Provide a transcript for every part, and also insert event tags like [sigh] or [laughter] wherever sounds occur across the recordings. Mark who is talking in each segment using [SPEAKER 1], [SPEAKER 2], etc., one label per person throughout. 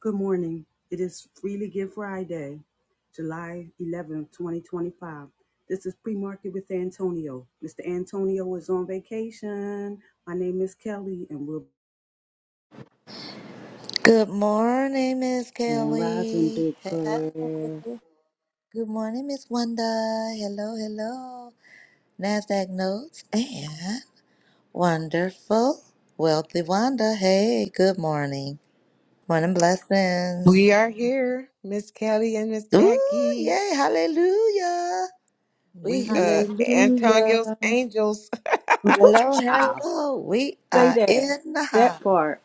[SPEAKER 1] Good morning. It is Freely Give Friday, July eleventh, 2025. This is pre market with Antonio. Mr. Antonio is on vacation. My name is Kelly, and we're
[SPEAKER 2] Good morning, Miss
[SPEAKER 1] Grand Rising
[SPEAKER 2] Kelly.
[SPEAKER 1] Big
[SPEAKER 2] Hey, hey.
[SPEAKER 1] Prayer.
[SPEAKER 2] Good morning, Miss Wanda. Hello, hello. NASDAQ notes and wonderful, wealthy Wanda. Hey, good morning. Morning blessings.
[SPEAKER 3] We are here, Miss Kelly and Miss
[SPEAKER 2] Ooh,
[SPEAKER 3] Jackie.
[SPEAKER 2] yay, hallelujah. We
[SPEAKER 3] We
[SPEAKER 2] here.
[SPEAKER 3] uh Antonio's
[SPEAKER 1] Hallelujah.
[SPEAKER 3] Angels.
[SPEAKER 2] Hello,
[SPEAKER 1] [laughs] Child,
[SPEAKER 2] hello. We
[SPEAKER 1] say
[SPEAKER 2] are
[SPEAKER 1] that.
[SPEAKER 2] in the
[SPEAKER 1] That
[SPEAKER 2] house.
[SPEAKER 1] part.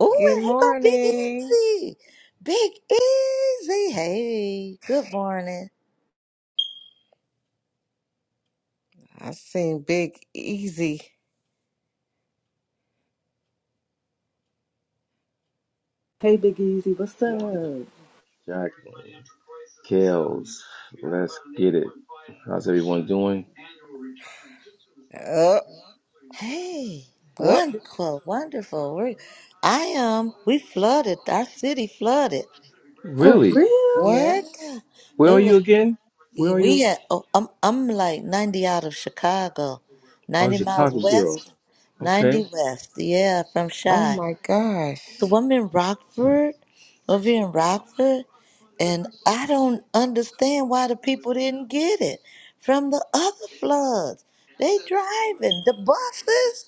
[SPEAKER 2] Ooh,
[SPEAKER 3] Good
[SPEAKER 2] it ain't gonna be
[SPEAKER 3] morning.
[SPEAKER 2] easy. Big easy. Hey, good morning.
[SPEAKER 3] I seen Big Easy.
[SPEAKER 1] Hey Big Easy, what's
[SPEAKER 4] Wanda,
[SPEAKER 1] up?
[SPEAKER 4] Jacqueline, Kels. Let's get it. How's everyone doing?
[SPEAKER 3] Up,
[SPEAKER 2] Hey,
[SPEAKER 3] up.
[SPEAKER 2] wonderful, wonderful. We're, I am. We flooded. Our city flooded.
[SPEAKER 1] For
[SPEAKER 2] Oh,
[SPEAKER 4] Really?
[SPEAKER 1] real?
[SPEAKER 2] yeah,
[SPEAKER 3] What?
[SPEAKER 4] Where
[SPEAKER 2] it
[SPEAKER 4] are you
[SPEAKER 2] was.
[SPEAKER 4] again? Where are you?
[SPEAKER 2] We had. Oh, I'm. I'm like 90 out of Chicago,
[SPEAKER 4] Oh,
[SPEAKER 2] 90 miles
[SPEAKER 4] Chicago girl.
[SPEAKER 2] west, 90
[SPEAKER 4] Okay.
[SPEAKER 2] west. Yeah, from
[SPEAKER 3] Oh
[SPEAKER 2] Chi.
[SPEAKER 3] my
[SPEAKER 2] So
[SPEAKER 3] gosh.
[SPEAKER 2] I'm in Rockford, over here in Rockford, and I don't understand why the people didn't get it from the other floods. They driving the buses,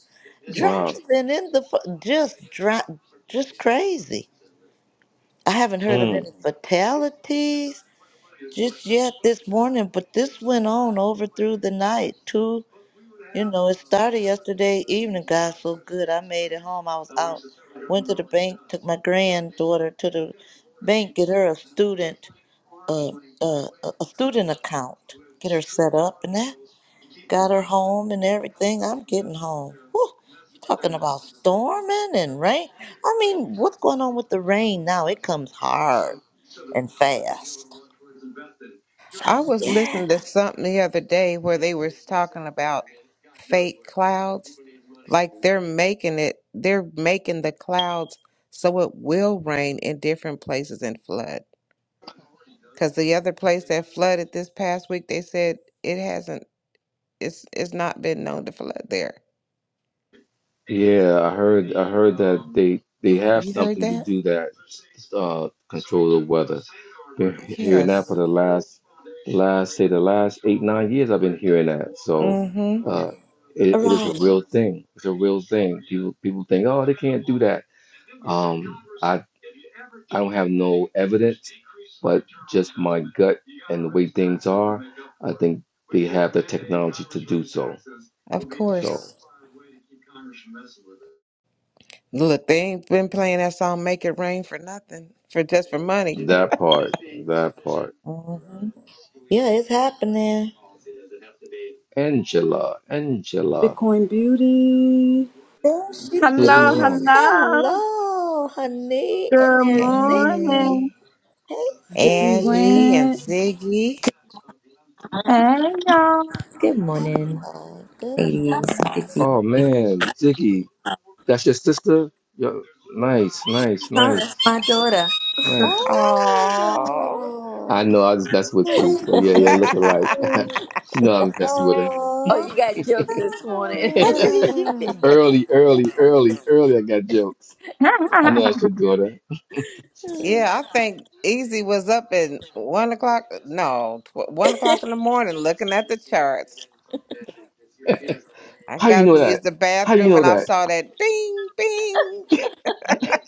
[SPEAKER 4] Wow.
[SPEAKER 2] driving in the fu- just dri- just crazy. I haven't heard of
[SPEAKER 4] Mm.
[SPEAKER 2] any fatalities just yet this morning, but this went on over through the night, two you know, it started yesterday evening. God, so good. I made it home. I was out, went to the bank, took my granddaughter to the bank, get her a student, uh, uh, a a student account, get her set up, and that got her home and everything. I'm getting home. Whew, you talking about storming and rain? I mean, what's going on with the rain now? It comes hard and fast. So
[SPEAKER 3] I was
[SPEAKER 2] yeah,
[SPEAKER 3] listening to something the other day where they was talking about fake clouds. Like they're making it they're making the clouds so it will rain in different places and flood. Because the other place that flooded this past week, they said it hasn't, it's it's not been known to flood there.
[SPEAKER 4] Yeah, I heard. I heard that they they
[SPEAKER 3] You,
[SPEAKER 4] have
[SPEAKER 3] you heard
[SPEAKER 4] something to
[SPEAKER 3] that?
[SPEAKER 4] do that uh, control the weather. Been hearing that for
[SPEAKER 3] Yes.
[SPEAKER 4] the last last say the last eight nine years. I've been hearing that. So
[SPEAKER 3] Mm-hmm.
[SPEAKER 4] uh, it,
[SPEAKER 2] all
[SPEAKER 4] it is a
[SPEAKER 2] right.
[SPEAKER 4] real thing. It's a real thing. People people think, oh, they can't do that. Um, I I don't have no evidence, but just my gut and the way things are, I think they have the technology to do so.
[SPEAKER 3] Of
[SPEAKER 4] So
[SPEAKER 3] course. Look, they ain't been playing that song "Make It Rain" for nothing, for just for money. [laughs]
[SPEAKER 4] that part, that part.
[SPEAKER 3] Mm-hmm.
[SPEAKER 2] Yeah, it's happening.
[SPEAKER 4] Angela, Angela,
[SPEAKER 1] Bitcoin Beauty.
[SPEAKER 2] There she
[SPEAKER 5] Hello,
[SPEAKER 4] Ziggy Marley.
[SPEAKER 2] is.
[SPEAKER 5] hello.
[SPEAKER 2] Hello, honey. And
[SPEAKER 5] Good
[SPEAKER 2] there's Ziggy.
[SPEAKER 5] morning.
[SPEAKER 3] Hey,
[SPEAKER 2] Hey,
[SPEAKER 1] Vicky
[SPEAKER 2] Ziggy. Good.
[SPEAKER 3] Angie and
[SPEAKER 1] Rant.
[SPEAKER 3] Ziggy.
[SPEAKER 5] Hey, y'all.
[SPEAKER 6] Good morning,
[SPEAKER 2] Oh, good
[SPEAKER 6] ladies.
[SPEAKER 2] morning.
[SPEAKER 6] Vicky.
[SPEAKER 4] Oh man, Ziggy, that's your sister. Yo, nice, nice, nice. Nice. I
[SPEAKER 2] Oh,
[SPEAKER 4] know I was messing with you,
[SPEAKER 2] sweet,
[SPEAKER 4] but yeah, yeah,
[SPEAKER 2] sweet,
[SPEAKER 4] looking like [laughs]
[SPEAKER 2] sweet.
[SPEAKER 3] Oh.
[SPEAKER 4] she know I was messing with her.
[SPEAKER 6] Oh,
[SPEAKER 2] Oh.
[SPEAKER 6] you guys.
[SPEAKER 4] [laughs]
[SPEAKER 3] [laughs]
[SPEAKER 2] [laughs]
[SPEAKER 4] Early, early, early, early. I got jokes.
[SPEAKER 5] [laughs]
[SPEAKER 4] I know that's your daughter.
[SPEAKER 3] Yeah, I think Easy was up at one o'clock. No, tw- one o'clock
[SPEAKER 6] [laughs]
[SPEAKER 3] in the morning, looking at the charts.
[SPEAKER 4] [laughs]
[SPEAKER 3] I
[SPEAKER 4] How you
[SPEAKER 3] got up
[SPEAKER 4] know
[SPEAKER 3] to use
[SPEAKER 4] that?
[SPEAKER 3] the
[SPEAKER 4] How you
[SPEAKER 3] bathroom,
[SPEAKER 4] know
[SPEAKER 3] and I
[SPEAKER 4] that?
[SPEAKER 3] saw that Bing Bing.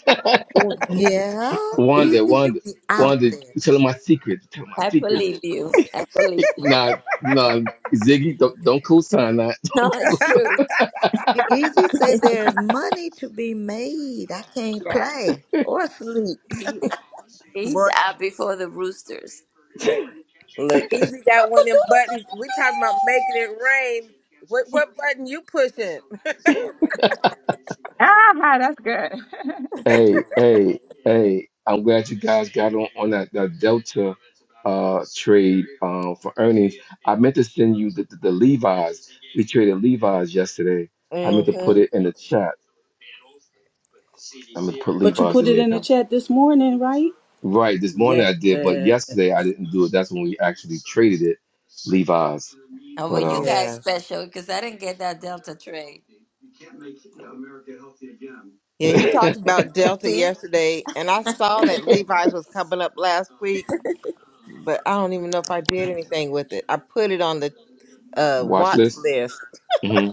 [SPEAKER 4] [laughs]
[SPEAKER 2] Well, yeah,
[SPEAKER 4] Wanda,
[SPEAKER 2] easy. You
[SPEAKER 4] Wanda,
[SPEAKER 2] be out
[SPEAKER 4] Wanda,
[SPEAKER 2] there.
[SPEAKER 4] you telling my secrets. You telling my
[SPEAKER 6] I
[SPEAKER 4] secrets.
[SPEAKER 6] believe you. I believe you.
[SPEAKER 4] Nah, nah, Ziggy, don't don't co-sign that.
[SPEAKER 6] No, it's true.
[SPEAKER 2] Big Easy say
[SPEAKER 6] [laughs]
[SPEAKER 2] there's money to be made. I can't
[SPEAKER 6] Yeah,
[SPEAKER 2] play or sleep.
[SPEAKER 6] he's, he's
[SPEAKER 3] Boy,
[SPEAKER 6] out before the roosters.
[SPEAKER 3] Look, Easy got one of them buttons. We talking about making it rain. What what button you pushing?
[SPEAKER 5] ah, that's good.
[SPEAKER 4] Hey, hey, hey, I'm glad you guys got on, on that, that Delta uh trade um for earnings. I meant to send you the, the, the Levi's. We traded Levi's yesterday. I meant to put
[SPEAKER 3] Mm-hmm.
[SPEAKER 4] it in the chat. I'm gonna put
[SPEAKER 1] But you
[SPEAKER 4] Levi's
[SPEAKER 1] put
[SPEAKER 4] in
[SPEAKER 1] it
[SPEAKER 4] there,
[SPEAKER 1] in the
[SPEAKER 4] guys.
[SPEAKER 1] chat this morning, right?
[SPEAKER 4] Right, this morning
[SPEAKER 1] Yes.
[SPEAKER 4] I did, but
[SPEAKER 1] So
[SPEAKER 4] yesterday I didn't do it. That's when we actually traded it, Levi's.
[SPEAKER 6] Oh, well, you
[SPEAKER 4] But
[SPEAKER 6] guys
[SPEAKER 3] Yes.
[SPEAKER 6] special because I didn't get that Delta trade.
[SPEAKER 3] Yeah, he talked about
[SPEAKER 4] um
[SPEAKER 3] Delta
[SPEAKER 6] See?
[SPEAKER 3] yesterday, and I saw that Levi's was
[SPEAKER 4] [laughs]
[SPEAKER 3] coming up last week, but I don't even know if I did anything with it. I put it on the uh
[SPEAKER 4] Watch
[SPEAKER 3] watch
[SPEAKER 4] list.
[SPEAKER 3] list.
[SPEAKER 4] hmm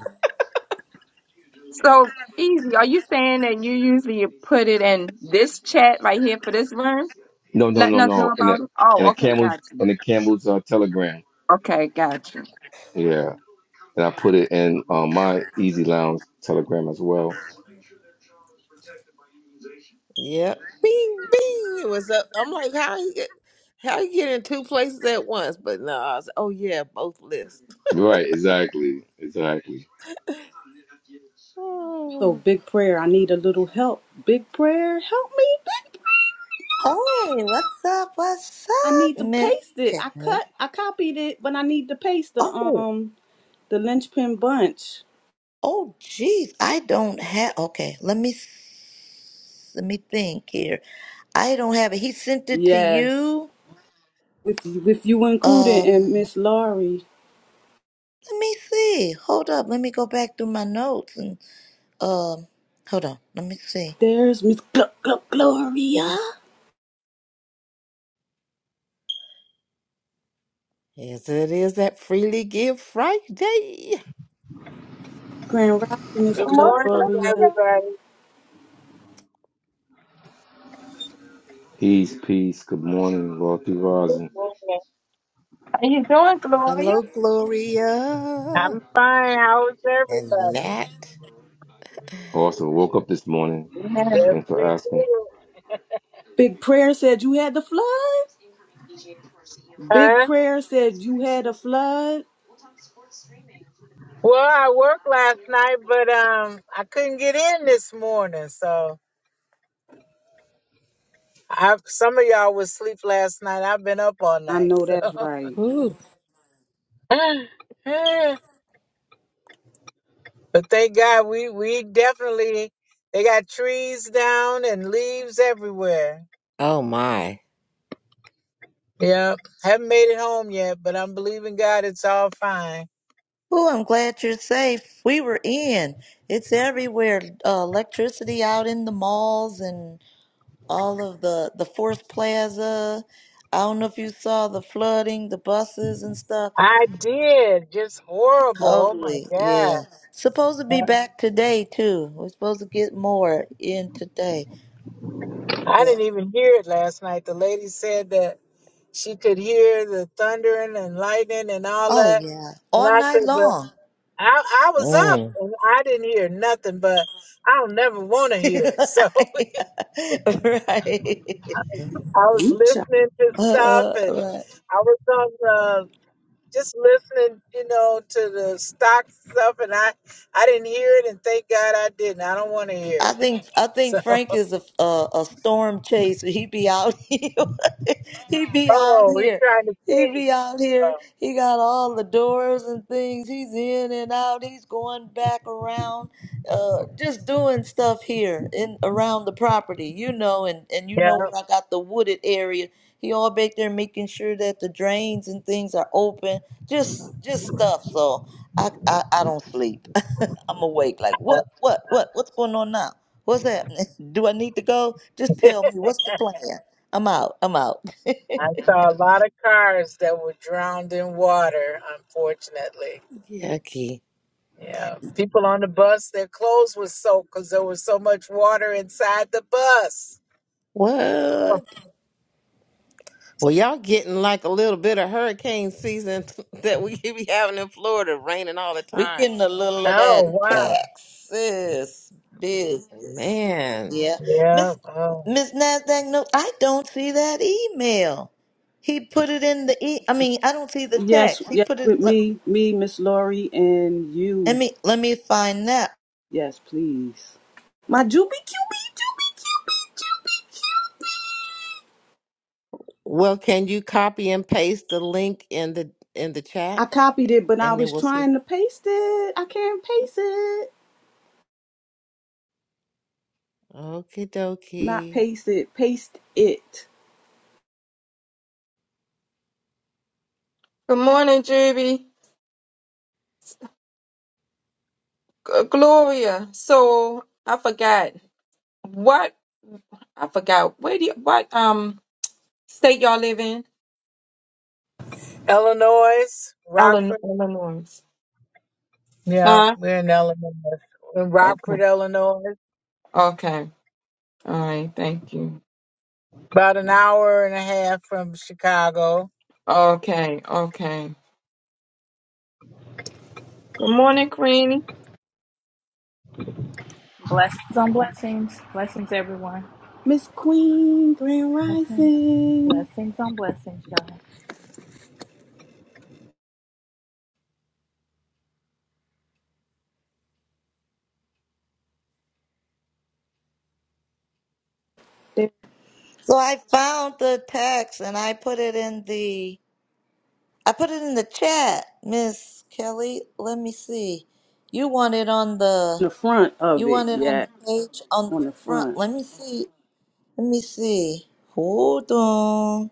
[SPEAKER 5] [laughs] so easy. Are you saying that you usually put it in this chat right here for this room,
[SPEAKER 4] No, no,
[SPEAKER 5] letting
[SPEAKER 4] no,
[SPEAKER 5] us know
[SPEAKER 4] no. In a
[SPEAKER 5] about it?
[SPEAKER 4] in
[SPEAKER 5] Oh,
[SPEAKER 4] a
[SPEAKER 5] okay,
[SPEAKER 4] camel's
[SPEAKER 5] got you.
[SPEAKER 4] in a camel's uh, telegram.
[SPEAKER 5] Okay, got you.
[SPEAKER 4] Yeah. And I put it in uh, my Easy Lounge Telegram as well.
[SPEAKER 3] Yep. Bing, bing. It was up. I'm like, how you get, how you get in two places at once? But no, I was, oh yeah, both lists.
[SPEAKER 4] Right. Exactly. Exactly.
[SPEAKER 3] Oh.
[SPEAKER 1] big prayer. I need a little help. Big prayer, help me. Big prayer.
[SPEAKER 2] Hey, what's up? What's
[SPEAKER 1] I need
[SPEAKER 2] up,
[SPEAKER 1] to
[SPEAKER 2] Miss?
[SPEAKER 1] paste it.
[SPEAKER 2] Cat?
[SPEAKER 1] I cut. I copied it, but I need to paste the
[SPEAKER 2] Oh.
[SPEAKER 1] um the linchpin bunch.
[SPEAKER 2] Oh, geez, I don't have. Okay, let me s- let me think here. I don't have it. He sent it to
[SPEAKER 1] Yes,
[SPEAKER 2] you.
[SPEAKER 1] with you, with you included
[SPEAKER 2] Um,
[SPEAKER 1] and Miss Laurie.
[SPEAKER 2] let me see. Hold up. Let me go back through my notes and um, hold on. Let me see.
[SPEAKER 1] There's Miss Gl- Gl- Gloria.
[SPEAKER 3] Yes, it is that freely give Friday.
[SPEAKER 1] Grand Rising Miss
[SPEAKER 5] Good
[SPEAKER 7] Good
[SPEAKER 5] morning,
[SPEAKER 7] morning,
[SPEAKER 1] Gloria.
[SPEAKER 5] Gloria.
[SPEAKER 7] everybody.
[SPEAKER 4] Peace, peace. Good morning, Rocky Rising.
[SPEAKER 7] Good morning.
[SPEAKER 5] How you doing, Gloria?
[SPEAKER 3] Hello,
[SPEAKER 7] I'm
[SPEAKER 3] Gloria
[SPEAKER 7] fine. How is
[SPEAKER 3] and
[SPEAKER 7] everybody?
[SPEAKER 3] Nat.
[SPEAKER 4] Awesome. Woke up this morning.
[SPEAKER 5] Yeah.
[SPEAKER 7] Yes,
[SPEAKER 4] Thanks for
[SPEAKER 7] we
[SPEAKER 4] asking.
[SPEAKER 7] did.
[SPEAKER 1] Big prayer said you had the flood. Big
[SPEAKER 7] Huh?
[SPEAKER 1] prayer said you had a flood.
[SPEAKER 7] Well, I worked last night, but um, I couldn't get in this morning. So, I some of y'all was asleep last night. I've been up all
[SPEAKER 1] I
[SPEAKER 7] night.
[SPEAKER 1] know that's
[SPEAKER 7] So,
[SPEAKER 1] right.
[SPEAKER 3] Ooh.
[SPEAKER 7] [laughs] but thank God we we definitely they got trees down and leaves everywhere.
[SPEAKER 3] Oh my.
[SPEAKER 7] Yep, haven't made it home yet, but I'm believing God it's all fine.
[SPEAKER 2] Oh, I'm glad you're safe. We were in. It's everywhere. Uh, electricity out in the malls and all of the the Force Plaza. I don't know if you saw the flooding, the buses and stuff.
[SPEAKER 7] I did. Just horrible. Oh my
[SPEAKER 2] Totally,
[SPEAKER 7] God.
[SPEAKER 2] yeah. Supposed to be back today too. We're supposed to get more in today.
[SPEAKER 7] I
[SPEAKER 2] Yeah.
[SPEAKER 7] didn't even hear it last night. The lady said that she could hear the thundering and lightning and all
[SPEAKER 2] Oh
[SPEAKER 7] that.
[SPEAKER 2] yeah.
[SPEAKER 7] And
[SPEAKER 2] All
[SPEAKER 7] I
[SPEAKER 2] night
[SPEAKER 7] said, but
[SPEAKER 2] long.
[SPEAKER 7] I, I was up
[SPEAKER 3] Mm.
[SPEAKER 7] and I didn't hear nothing, but I don't never want to
[SPEAKER 2] [laughs]
[SPEAKER 7] hear it. [laughs] So
[SPEAKER 2] right. [laughs]
[SPEAKER 3] Mm.
[SPEAKER 7] I was listening to stuff
[SPEAKER 2] Uh,
[SPEAKER 7] and
[SPEAKER 2] right.
[SPEAKER 7] I was on the, just listening, you know, to the stock stuff and I, I didn't hear it and thank God I didn't. I don't want to hear
[SPEAKER 2] I
[SPEAKER 7] it.
[SPEAKER 2] think I
[SPEAKER 7] [laughs]
[SPEAKER 2] think
[SPEAKER 7] So.
[SPEAKER 2] Frank is a a, a storm chaser. He be out [laughs] here. he be out
[SPEAKER 7] Oh, we
[SPEAKER 2] here.
[SPEAKER 7] trying to
[SPEAKER 2] He
[SPEAKER 7] see.
[SPEAKER 2] be out here.
[SPEAKER 7] Oh,
[SPEAKER 2] He got all the doors and things. He's in and out. He's going back around, uh, just doing stuff here in around the property, you know. And and you
[SPEAKER 7] yeah,
[SPEAKER 2] know where I got the wooded area. He all back there making sure that the drains and things are open. Just just stuff. So I I, I don't sleep. [laughs] I'm awake. Like, what, what, what, what's going on now? What's happening? [laughs] Do I need to go? Just tell me what's the plan. I'm out. I'm out. [laughs]
[SPEAKER 7] I saw a lot of cars that were drowned in water, unfortunately.
[SPEAKER 3] Yucky.
[SPEAKER 7] Yeah, people on the bus, their clothes were soaked because there was so much water inside the bus. Oh,
[SPEAKER 3] What? Well, y'all getting like a little bit of hurricane season [laughs] that we be having in Florida, raining all the
[SPEAKER 2] We
[SPEAKER 3] time.
[SPEAKER 2] getting a little of
[SPEAKER 7] oh,
[SPEAKER 2] that
[SPEAKER 3] Yeah.
[SPEAKER 7] wow.
[SPEAKER 2] Texas business.
[SPEAKER 3] Man.
[SPEAKER 2] Yeah,
[SPEAKER 7] Yeah.
[SPEAKER 2] Miss
[SPEAKER 7] Oh,
[SPEAKER 2] Miss Nasdaq. No, I don't see that email. He put it in the e. I mean, I don't see the
[SPEAKER 1] Yes,
[SPEAKER 2] text. He
[SPEAKER 1] yes,
[SPEAKER 2] put it.
[SPEAKER 1] with
[SPEAKER 2] Let,
[SPEAKER 1] me, me, Miss Laurie, and
[SPEAKER 2] let
[SPEAKER 1] you.
[SPEAKER 2] me let me find that.
[SPEAKER 1] Yes, please. My Juby Cubie, Juby Cubie, Juby Cube.
[SPEAKER 3] Well, can you copy and paste the link in the in the
[SPEAKER 1] I
[SPEAKER 3] chat
[SPEAKER 1] copied it, but I
[SPEAKER 3] and then
[SPEAKER 1] was
[SPEAKER 3] we'll see.
[SPEAKER 1] trying to paste it. I can't paste it.
[SPEAKER 3] Okie
[SPEAKER 1] Not
[SPEAKER 3] dokie.
[SPEAKER 1] paste it, paste it.
[SPEAKER 5] Good morning, Juby. G- Gloria. So I forgot what I forgot. Where do you, what um state y'all live in?
[SPEAKER 7] Illinois,
[SPEAKER 5] Illinois.
[SPEAKER 7] Rockford.
[SPEAKER 5] Illinois.
[SPEAKER 7] Yeah,
[SPEAKER 5] Huh?
[SPEAKER 7] we're in Illinois. In
[SPEAKER 5] Okay.
[SPEAKER 7] Rockford, Illinois,
[SPEAKER 5] Okay. All right. Thank you.
[SPEAKER 7] about an hour and a half from Chicago.
[SPEAKER 5] Okay. Okay. Good morning, Queenie.
[SPEAKER 8] Blessings on blessings. Blessings, everyone.
[SPEAKER 1] Miss Queen, Grand
[SPEAKER 8] Blessings.
[SPEAKER 1] Rising.
[SPEAKER 8] Blessings on blessings, y'all.
[SPEAKER 1] There
[SPEAKER 2] So I found the text and I put it in the I put it in the chat, Miss Kelly. Let me see. You want it on the
[SPEAKER 1] on the front of
[SPEAKER 2] you
[SPEAKER 1] it,
[SPEAKER 2] want it on
[SPEAKER 1] yeah,
[SPEAKER 2] the page on the
[SPEAKER 1] on the
[SPEAKER 2] front.
[SPEAKER 1] front.
[SPEAKER 2] Let me see. Let me see. Hold on.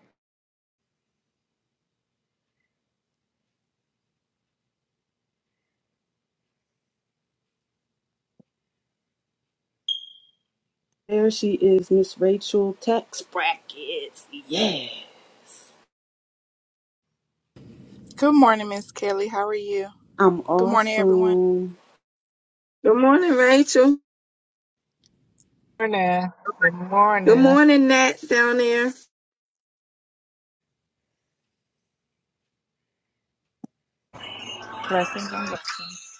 [SPEAKER 1] There she is, Miss Rachel Text Brackets. Yeah,
[SPEAKER 9] Good morning, Miss Kelly. How are you?
[SPEAKER 1] I'm
[SPEAKER 9] Good morning, everyone.
[SPEAKER 1] awesome.
[SPEAKER 5] Good morning, Rachel.
[SPEAKER 7] Good morning. Good
[SPEAKER 5] Good
[SPEAKER 7] morning.
[SPEAKER 5] morning, Nat down there.
[SPEAKER 8] Blessings on blessings.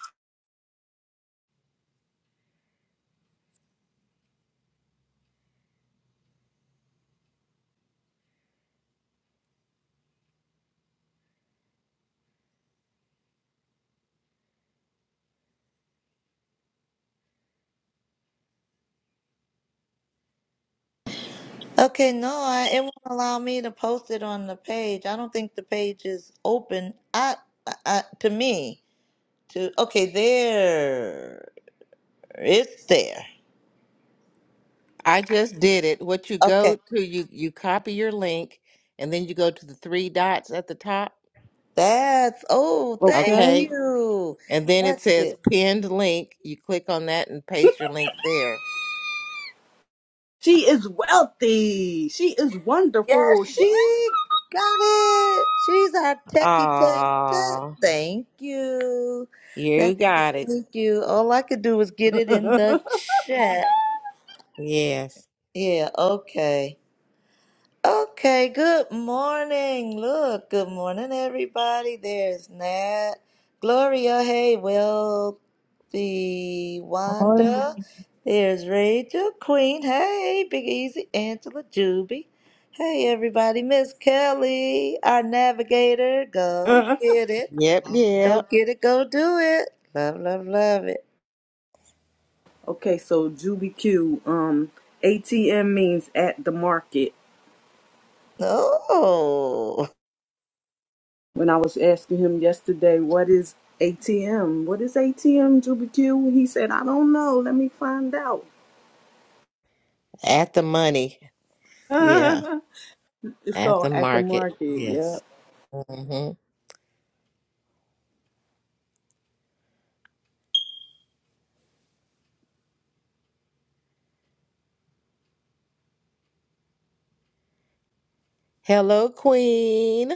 [SPEAKER 2] Okay, no, I, it won't allow me to post it on the page. I don't think the page is open. I, I, I to me to okay there. It's there.
[SPEAKER 3] I just did it. What you
[SPEAKER 2] Okay,
[SPEAKER 3] go to, you you copy your link and then you go to the three dots at the top.
[SPEAKER 2] that's oh, thank
[SPEAKER 1] Okay.
[SPEAKER 3] Okay.
[SPEAKER 2] you.
[SPEAKER 3] And then it
[SPEAKER 2] That's it.
[SPEAKER 3] says pinned link. You click on that and paste your link there.
[SPEAKER 1] She is wealthy. She is
[SPEAKER 2] Yes,
[SPEAKER 1] wonderful. She
[SPEAKER 2] she got it. She's our techie tech tech.
[SPEAKER 3] Ah,
[SPEAKER 2] Thank you.
[SPEAKER 3] you
[SPEAKER 2] Thank you.
[SPEAKER 3] got it.
[SPEAKER 2] Thank you. All I could do was get it in the chat.
[SPEAKER 3] Yes.
[SPEAKER 2] Yeah, okay. Okay, good morning. Look, good morning, everybody. There's Nat. Gloria, hey, Will the
[SPEAKER 7] Morning.
[SPEAKER 2] Wanda. There's Rachel, Queen. Hey, Big Easy, Angela, Juby. Hey, everybody. Miss Kelly, our navigator. Go
[SPEAKER 1] is. [laughs]
[SPEAKER 2] get it.
[SPEAKER 3] Yep,
[SPEAKER 2] Go
[SPEAKER 3] yep.
[SPEAKER 2] get it. Go do it. Love, love, love it.
[SPEAKER 1] Okay, so Juby Q, um, ATM means at the market.
[SPEAKER 2] Oh,
[SPEAKER 1] When I was asking him yesterday, what is ATM? What is ATM, Juby Q? He said, I don't know. Let me find out.
[SPEAKER 3] At the money. Yeah.
[SPEAKER 1] [laughs] it's
[SPEAKER 3] At
[SPEAKER 1] called
[SPEAKER 3] the
[SPEAKER 1] at the
[SPEAKER 3] market.
[SPEAKER 1] market.
[SPEAKER 3] Yes.
[SPEAKER 1] Yep.
[SPEAKER 3] Mm-hmm. Hello, Queen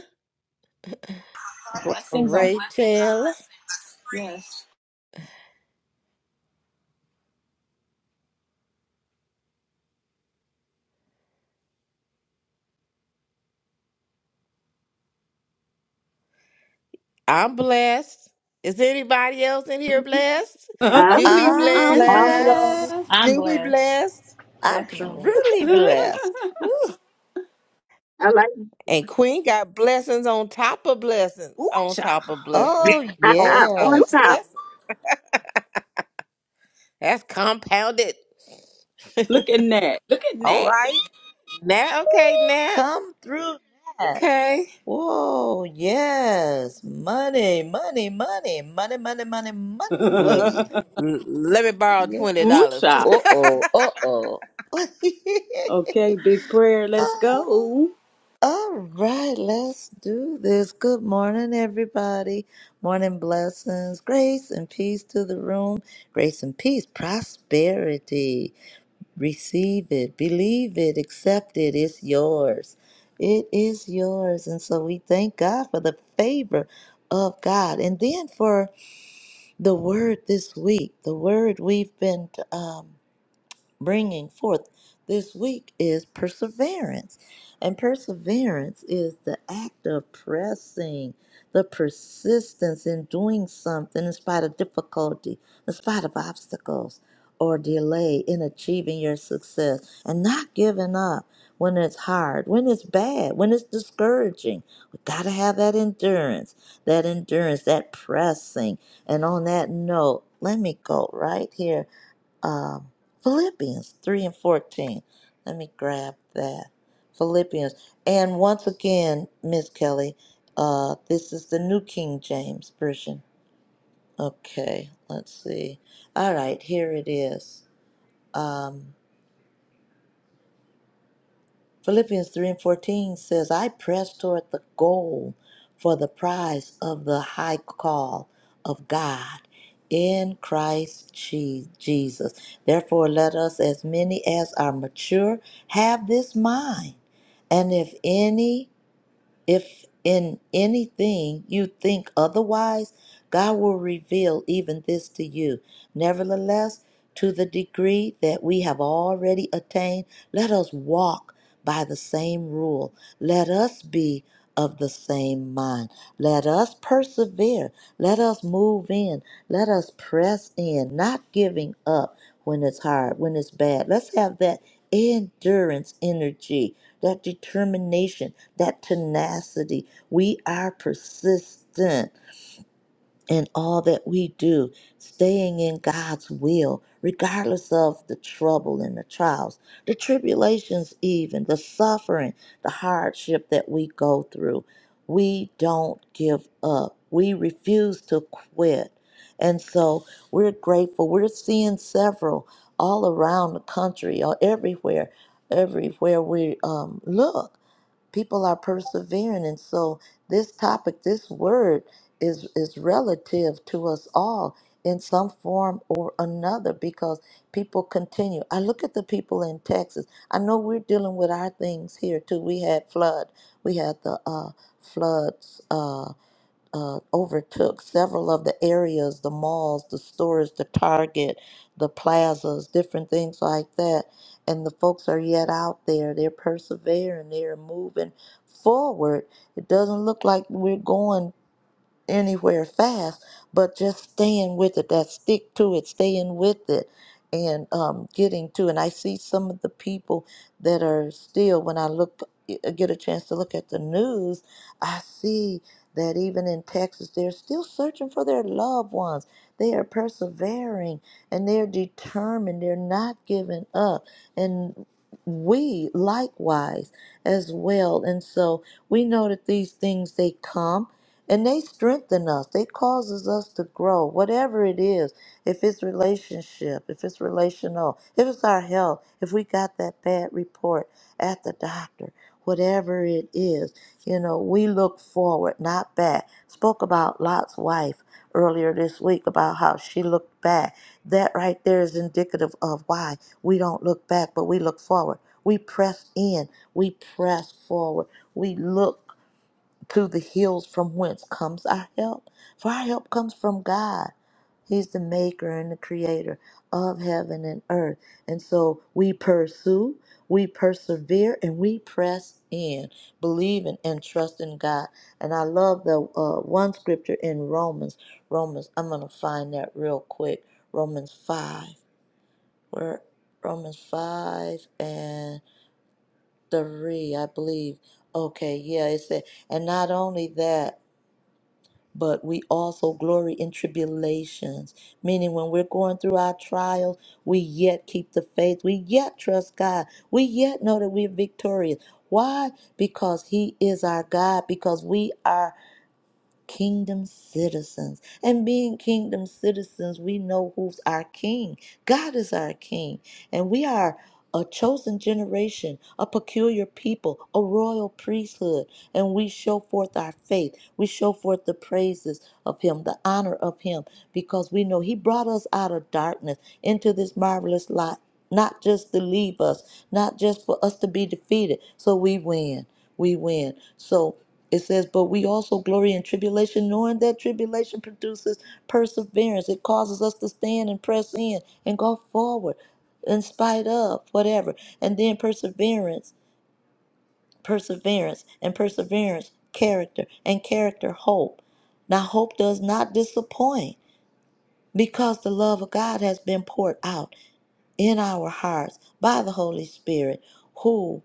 [SPEAKER 8] Blessings on blessings.
[SPEAKER 3] Rachel.
[SPEAKER 8] Yes.
[SPEAKER 3] I'm blessed. Is anybody else in here blessed?
[SPEAKER 1] [laughs]
[SPEAKER 5] I'm
[SPEAKER 3] You be
[SPEAKER 5] back.
[SPEAKER 2] I'm
[SPEAKER 1] I'm
[SPEAKER 3] blessed.
[SPEAKER 2] blessed.
[SPEAKER 1] blessed.
[SPEAKER 8] I'm
[SPEAKER 3] You be
[SPEAKER 8] blessed.
[SPEAKER 3] blessed.
[SPEAKER 2] I'm
[SPEAKER 8] Definitely.
[SPEAKER 1] [laughs]
[SPEAKER 2] truly
[SPEAKER 1] Ooh,
[SPEAKER 2] blessed. Woo.
[SPEAKER 5] I like
[SPEAKER 3] And Queen got blessings on top of blessings, on
[SPEAKER 1] child.
[SPEAKER 3] top of
[SPEAKER 1] Yeah,
[SPEAKER 3] blessings,
[SPEAKER 2] Oh,
[SPEAKER 3] on
[SPEAKER 5] [laughs]
[SPEAKER 3] top
[SPEAKER 5] on
[SPEAKER 1] Ju-
[SPEAKER 3] of
[SPEAKER 2] yes.
[SPEAKER 5] top.
[SPEAKER 3] blessings. That's compounded.
[SPEAKER 1] look at that. Look at
[SPEAKER 3] All
[SPEAKER 1] that.
[SPEAKER 3] right. Now, okay, now,
[SPEAKER 2] Come through that.
[SPEAKER 3] okay.
[SPEAKER 2] Whoa, yes. Money, money, money, money, money, money,
[SPEAKER 3] Look,
[SPEAKER 2] money.
[SPEAKER 1] [laughs]
[SPEAKER 3] l- let me borrow
[SPEAKER 2] Yeah.
[SPEAKER 3] $20.
[SPEAKER 1] Ooh, child.
[SPEAKER 2] Uh oh,
[SPEAKER 3] [laughs]
[SPEAKER 2] uh [laughs]
[SPEAKER 1] Okay, big prayer. Let's
[SPEAKER 2] oh.
[SPEAKER 1] go.
[SPEAKER 2] All right, let's do this. Good morning, everybody. Morning blessings, grace and peace to the room, grace and peace, prosperity. Receive it, believe it, accept it. It's yours. It is yours. And so we thank God for the favor of God. And then for the word this week, the word we've been. um, bringing forth this week is perseverance. And perseverance is the act of pressing, the persistence in doing something in spite of difficulty, in spite of obstacles or delay in achieving your success, and not giving up when it's hard, when it's bad, when it's discouraging. We got to have that endurance, that endurance, that pressing. And on that note, let me go right here um, Philippians 3 and 14. Let me grab that. Philippians. And once again, Miss Kelly, uh, this is the New King James Version. Okay, let's see. All right, here it is. Um, Philippians 3 and 14 says, I press toward the goal for the prize of the high call of God in Christ Je- Jesus. Therefore, let us, as many as are mature, have this mind. And if any, if in anything you think otherwise, God will reveal even this to you. Nevertheless, to the degree that we have already attained, let us walk by the same rule. Let us be of the same mind. Let us persevere. Let us move in. Let us press in, not giving up when it's hard, when it's bad. Let's have that endurance energy, that determination, that tenacity. We are persistent in all that we do, staying in God's will, regardless of the trouble and the trials, the tribulations, even the suffering, the hardship that we go through. We don't give up, we refuse to quit. And so we're grateful. We're seeing several all around the country or everywhere, everywhere we um, look people are persevering and so this topic this word is is relative to us all in some form or another because people continue i look at the people in texas i know we're dealing with our things here too we had flood we had the uh floods uh, uh, overtook several of the areas, the malls, the stores, the Target, the plazas, different things like that. And the folks are yet out there. They're persevering. They're moving forward. It doesn't look like we're going anywhere fast, but just staying with it, that stick to it, staying with it, and um, getting to. And I see some of the people that are still, when I look, eh, eh, get a chance to look at the news, I see that even in Texas, they're still searching for their loved ones. They are persevering and they're determined, they're not giving up. And we likewise as well. And so we know that these things they come and they strengthen us they causes us to grow whatever it is if it's relationship if it's relational if it's our health if we got that bad report at the doctor whatever it is you know we look forward not back spoke about lot's wife earlier this week about how she looked back that right there is indicative of why we don't look back but we look forward we press in we press forward we look to the hills from whence comes our help. For our help comes from God. He's the maker and the creator of heaven and earth. And so we pursue, we persevere, and we press in, believing and trusting God. And I love the uh, one scripture in Romans. Romans, I'm going to find that real quick. Romans 5. Where? Romans 5 and 3, I believe. Okay, yeah, it said, and not only that, but we also glory in tribulations, meaning when we're going through our trials, we yet keep the faith, we yet trust God, we yet know that we're victorious. Why? Because He is our God, because we are kingdom citizens. And being kingdom citizens, we know who's our king. God is our king. And we are a chosen generation, a peculiar people, a royal priesthood. And we show forth our faith. We show forth the praises of Him, the honor of Him, because we know He brought us out of darkness into this marvelous light. Not just to leave us, not just for us to be defeated. So we win. We win. So it says, But we also glory in tribulation, knowing that tribulation produces perseverance. It causes us to stand and press in and go forward in spite of whatever. And then perseverance, perseverance, and perseverance, character, and character, hope. Now, hope does not disappoint because the love of God has been poured out in our hearts by the Holy Spirit, who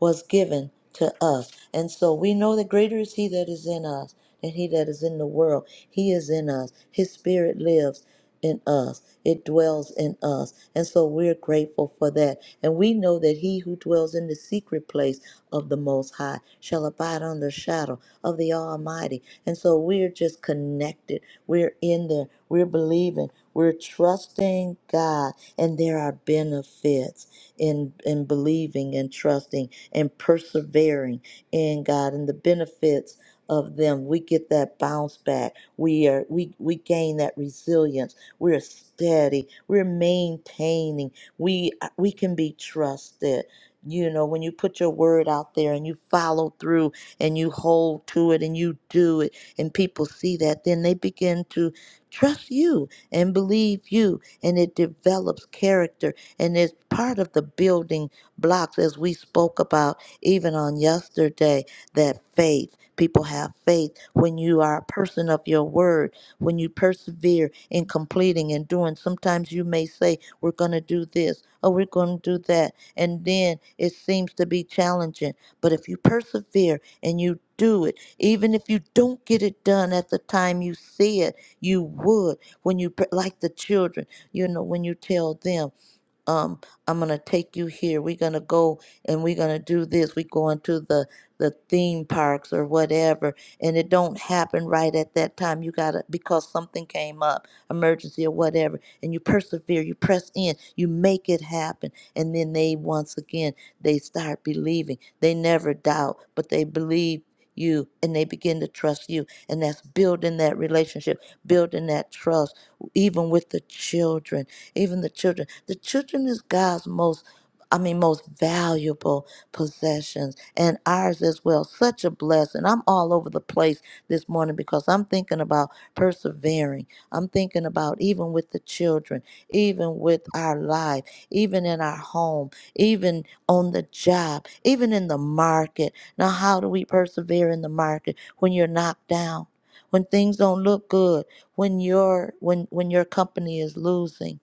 [SPEAKER 2] was given to us. And so we know that greater is He that is in us than He that is in the world. He is in us, His Spirit lives in us, it dwells in us. And so we're grateful for that. And we know that He who dwells in the secret place of the Most High shall abide under the shadow of the Almighty. And so we're just connected, we're in there, we're believing, we're trusting God, and there are benefits in in believing and trusting and persevering in God and the benefits of them we get that bounce back we are we we gain that resilience we're steady we're maintaining we we can be trusted you know when you put your word out there and you follow through and you hold to it and you do it and people see that then they begin to trust you and believe you and it develops character and it's part of the building blocks, as we spoke about even on yesterday, that faith. People have faith when you are a person of your word, when you persevere in completing and doing. Sometimes you may say, We're going to do this, or we're going to do that. And then it seems to be challenging. But if you persevere and you do it, even if you don't get it done at the time you said you would, when you, pr- like the children, you know, when you tell them um, I'm gonna take you here. We're gonna go and we're gonna do this. We going to the the theme parks or whatever, and it don't happen right at that time. You gotta because something came up, emergency or whatever, and you persevere, you press in, you make it happen, and then they once again they start believing. They never doubt, but they believe you and they begin to trust you and that's building that relationship building that trust even with the children even the children. The children is God's most I mean, most valuable possessions and ours as well. Such a blessing. I'm all over the place this morning because I'm thinking about persevering. I'm thinking about even with the children, even with our life, even in our home, even on the job, even in the market. Now, how do we persevere in the market when you're knocked down? When things don't look good, when your when when your company is losing,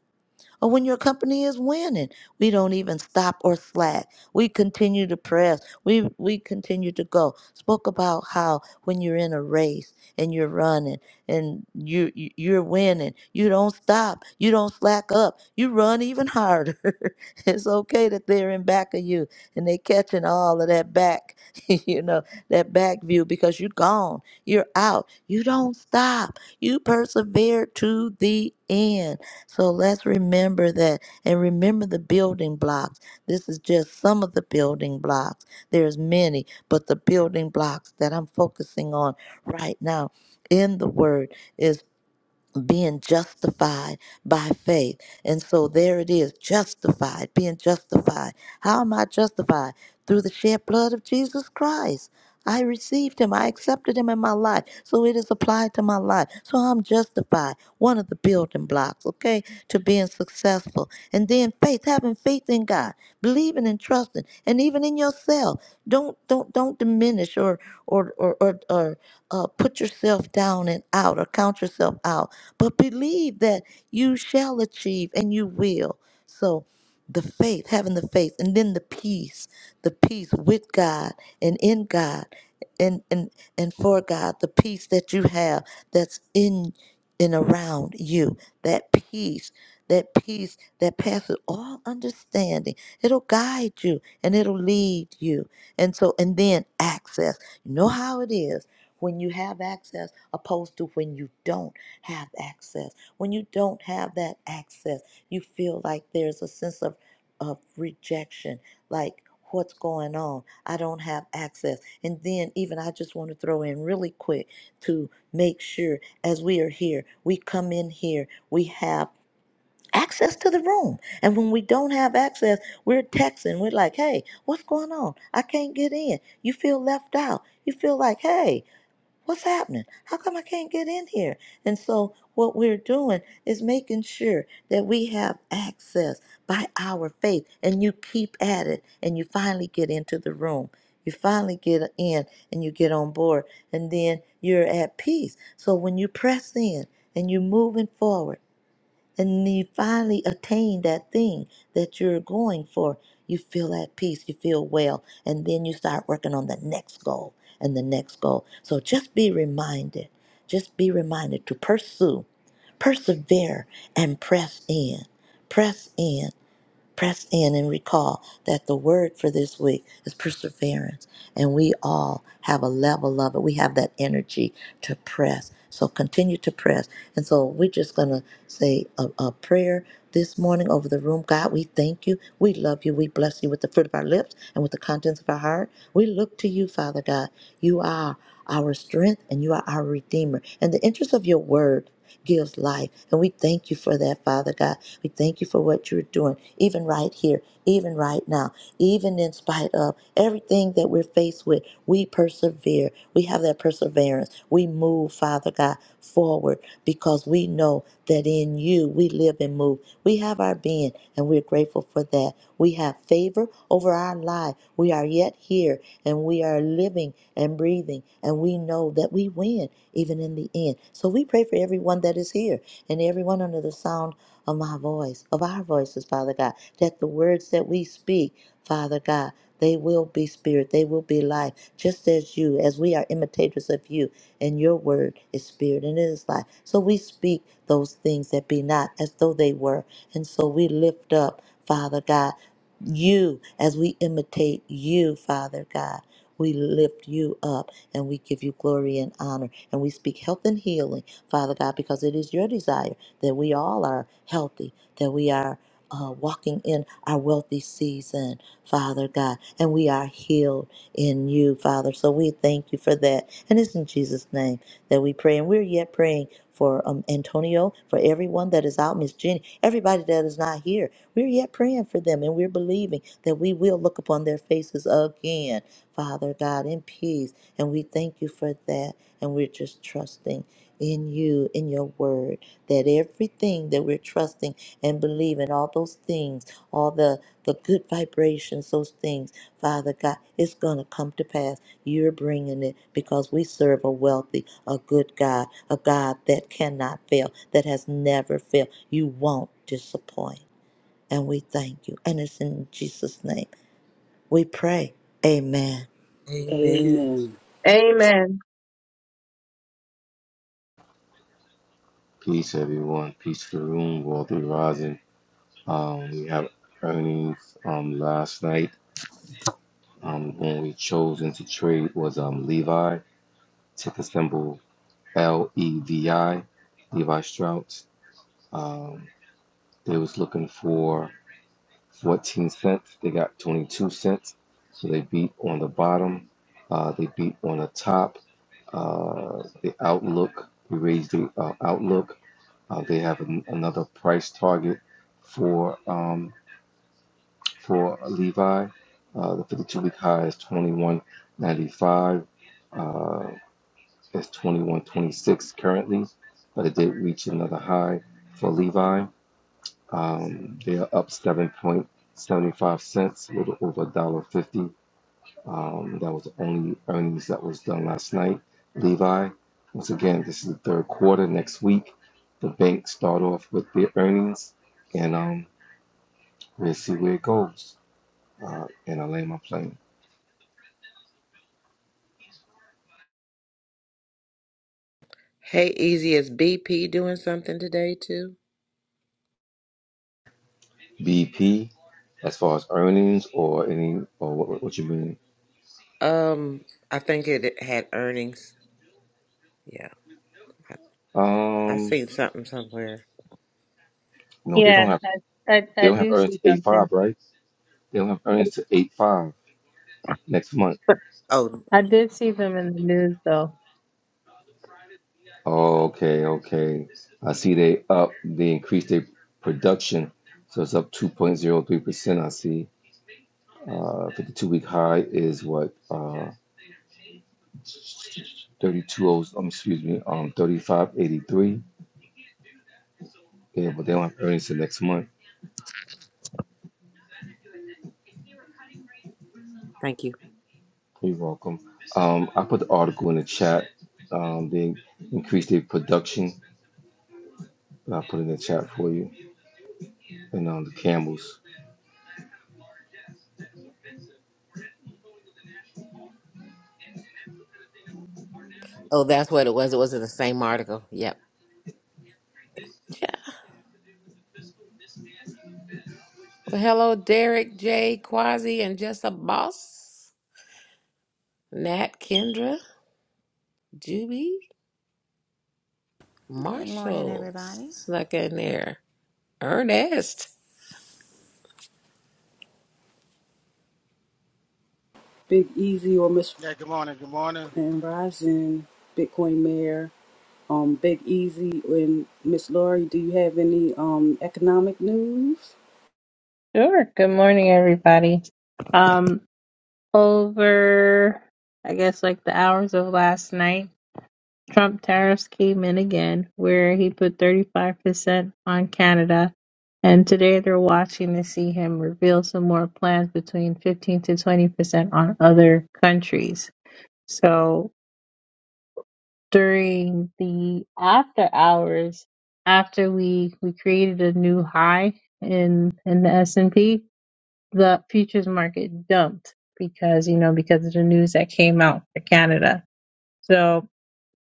[SPEAKER 2] or when your company is winning. We don't even stop or slack. We continue to press. We we continue to go. Spoke about how when you're in a race and you're running and you you- you're winning, you don't stop. You don't slack up. You run even harder. [laughs] it's okay that they're in back of you and they catching all of that back, [laughs] you know, that back view because you're gone. You're out. You don't stop. You persevere to the end so let's remember that and remember the building blocks. This is just some of the building blocks. There's many, but the building blocks that I'm focusing on right now in the word is being justified by faith. And so there it is, justified, being justified. How am I justified? Through the shed blood of Jesus Christ. I received him. I accepted him in my life. So it is applied to my life. So I'm justified. One of the building blocks, okay, to being successful. And then faith, having faith in God, believing and trusting, and even in yourself. Don't don't don't diminish or or or or, or uh, put yourself down and out or count yourself out but believe that you shall achieve and you will. So the faith, having the faith, and then the peace, the peace with God and in God and and, and for God, the peace that you have that's in and around you, that peace, that peace that passes all understanding. It'll guide you and it'll lead you. And so and then access. You know how it is when you have access opposed to when you don't have access. When you don't have that access, you feel like there's a sense of, of rejection, like what's going on? I don't have access. And then, even I just want to throw in really quick to make sure as we are here, we come in here, we have access to the room. And when we don't have access, we're texting. We're like, hey, what's going on? I can't get in. You feel left out. You feel like, hey, What's happening? How come I can't get in here? And so, what we're doing is making sure that we have access by our faith, and you keep at it, and you finally get into the room. You finally get in and you get on board, and then you're at peace. So, when you press in and you're moving forward, and you finally attain that thing that you're going for. You feel at peace, you feel well, and then you start working on the next goal and the next goal. So just be reminded, just be reminded to pursue, persevere, and press in. Press in. Press in and recall that the word for this week is perseverance, and we all have a level of it. We have that energy to press. So continue to press. And so we're just going to say a, a prayer this morning over the room. God, we thank you. We love you. We bless you with the fruit of our lips and with the contents of our heart. We look to you, Father God. You are our strength and you are our redeemer. And the interest of your word gives life. And we thank you for that, Father God. We thank you for what you're doing, even right here, even right now, even in spite of everything that we're faced with. We persevere. We have that perseverance. We move, Father God, forward because we know that in you we live and move. We have our being, and we're grateful for that. We have favor over our life. We are yet here and we are living and breathing, and we know that we win even in the end. So we pray for everyone that is here and everyone under the sound of my voice, of our voices, Father God, that the words that we speak, Father God, they will be spirit, they will be life, just as you, as we are imitators of you, and your word is spirit and it is life. So we speak those things that be not as though they were. And so we lift up, Father God you as we imitate you, Father God. We lift you up and we give you glory and honor. And we speak health and healing, Father God, because it is your desire that we all are healthy, that we are uh, walking in our wealthy season, Father God, and we are healed in you, Father. So we thank you for that. And it's in Jesus' name that we pray. And we're yet praying for um, Antonio, for everyone that is out, Miss Jenny, everybody that is not here. We're yet praying for them and we're believing that we will look upon their faces again, Father God, in peace. And we thank you for that. And we're just trusting in you, in your word, that everything that we're trusting and believing, all those things, all the, the good vibrations, those things, Father God, it's going to come to pass. You're bringing it because we serve a wealthy, a good God, a God that cannot fail, that has never failed. You won't disappoint. And we thank you. And it's in Jesus' name we pray. Amen.
[SPEAKER 3] Amen.
[SPEAKER 1] Amen.
[SPEAKER 5] Amen.
[SPEAKER 4] Peace, everyone. Peace to the room, Rocky Rising. Um, we have earnings um, last night. Um, when we chose into trade was um, Levi, ticker symbol L E V I, Levi Strauss. Um, they was looking for 14 cents. They got 22 cents. So they beat on the bottom. Uh, they beat on the top. Uh, the outlook, we raised the uh, outlook. Uh, they have an, another price target for um, for Levi. Uh, the 52 week high is 21.95. Uh, it's 21.26 currently, but it did reach another high for Levi. Um, they are up 7.75 cents, a little over $1.50. Um, that was the only earnings that was done last night. Levi, once again, this is the third quarter. Next week, the bank start off with their earnings, and um, we'll see where it goes. Uh, and I lay my plane.
[SPEAKER 3] Hey, Easy, is BP doing something today too?
[SPEAKER 4] BP, as far as earnings or any or what, what what you mean?
[SPEAKER 3] Um, I think it had earnings. Yeah, I, I
[SPEAKER 4] Um,
[SPEAKER 3] seen something somewhere.
[SPEAKER 4] no, they don't
[SPEAKER 10] Yeah,
[SPEAKER 4] have
[SPEAKER 10] I, I
[SPEAKER 4] they
[SPEAKER 10] I
[SPEAKER 4] don't have
[SPEAKER 10] do
[SPEAKER 4] earnings
[SPEAKER 10] see
[SPEAKER 4] to eight five,
[SPEAKER 10] something.
[SPEAKER 4] right? They don't have earnings to eight five next month.
[SPEAKER 3] Oh,
[SPEAKER 10] I did see them in the news though.
[SPEAKER 4] Okay, okay. I see they up, they increased their production. So it's up 2.03%. I see. Uh, 52 week high is what? Uh, 32, oh, um, excuse me, um, 3583. Yeah, but they don't have earnings till next month.
[SPEAKER 3] thank you.
[SPEAKER 4] You're welcome. Um, I put the article in the chat. Um, they increased their production. I put it in the chat for you and um, the Campbell's.
[SPEAKER 3] Oh, that's what it was. It was in the same article. Yep. Yeah. Well, hello, Derek, Jay, Quasi, and just a boss. Nat, Kendra, Juby,
[SPEAKER 11] Good morning,
[SPEAKER 3] Marshall
[SPEAKER 11] everybody.
[SPEAKER 3] snuck in there. Ernest.
[SPEAKER 1] Big Easy or Miss
[SPEAKER 12] Yeah, good morning. Good morning.
[SPEAKER 1] and Rising, Bitcoin Mayor. Um, Big Easy and Miss Laurie, do you have any um economic news?
[SPEAKER 10] Sure. Good morning, everybody. Um, over I guess like the hours of last night, Trump tariffs came in again, where he put 35% on Canada, and today they're watching to see him reveal some more plans between 15 to 20% on other countries. So during the after hours after we we created a new high in in the S&P the futures market dumped because you know because of the news that came out for Canada so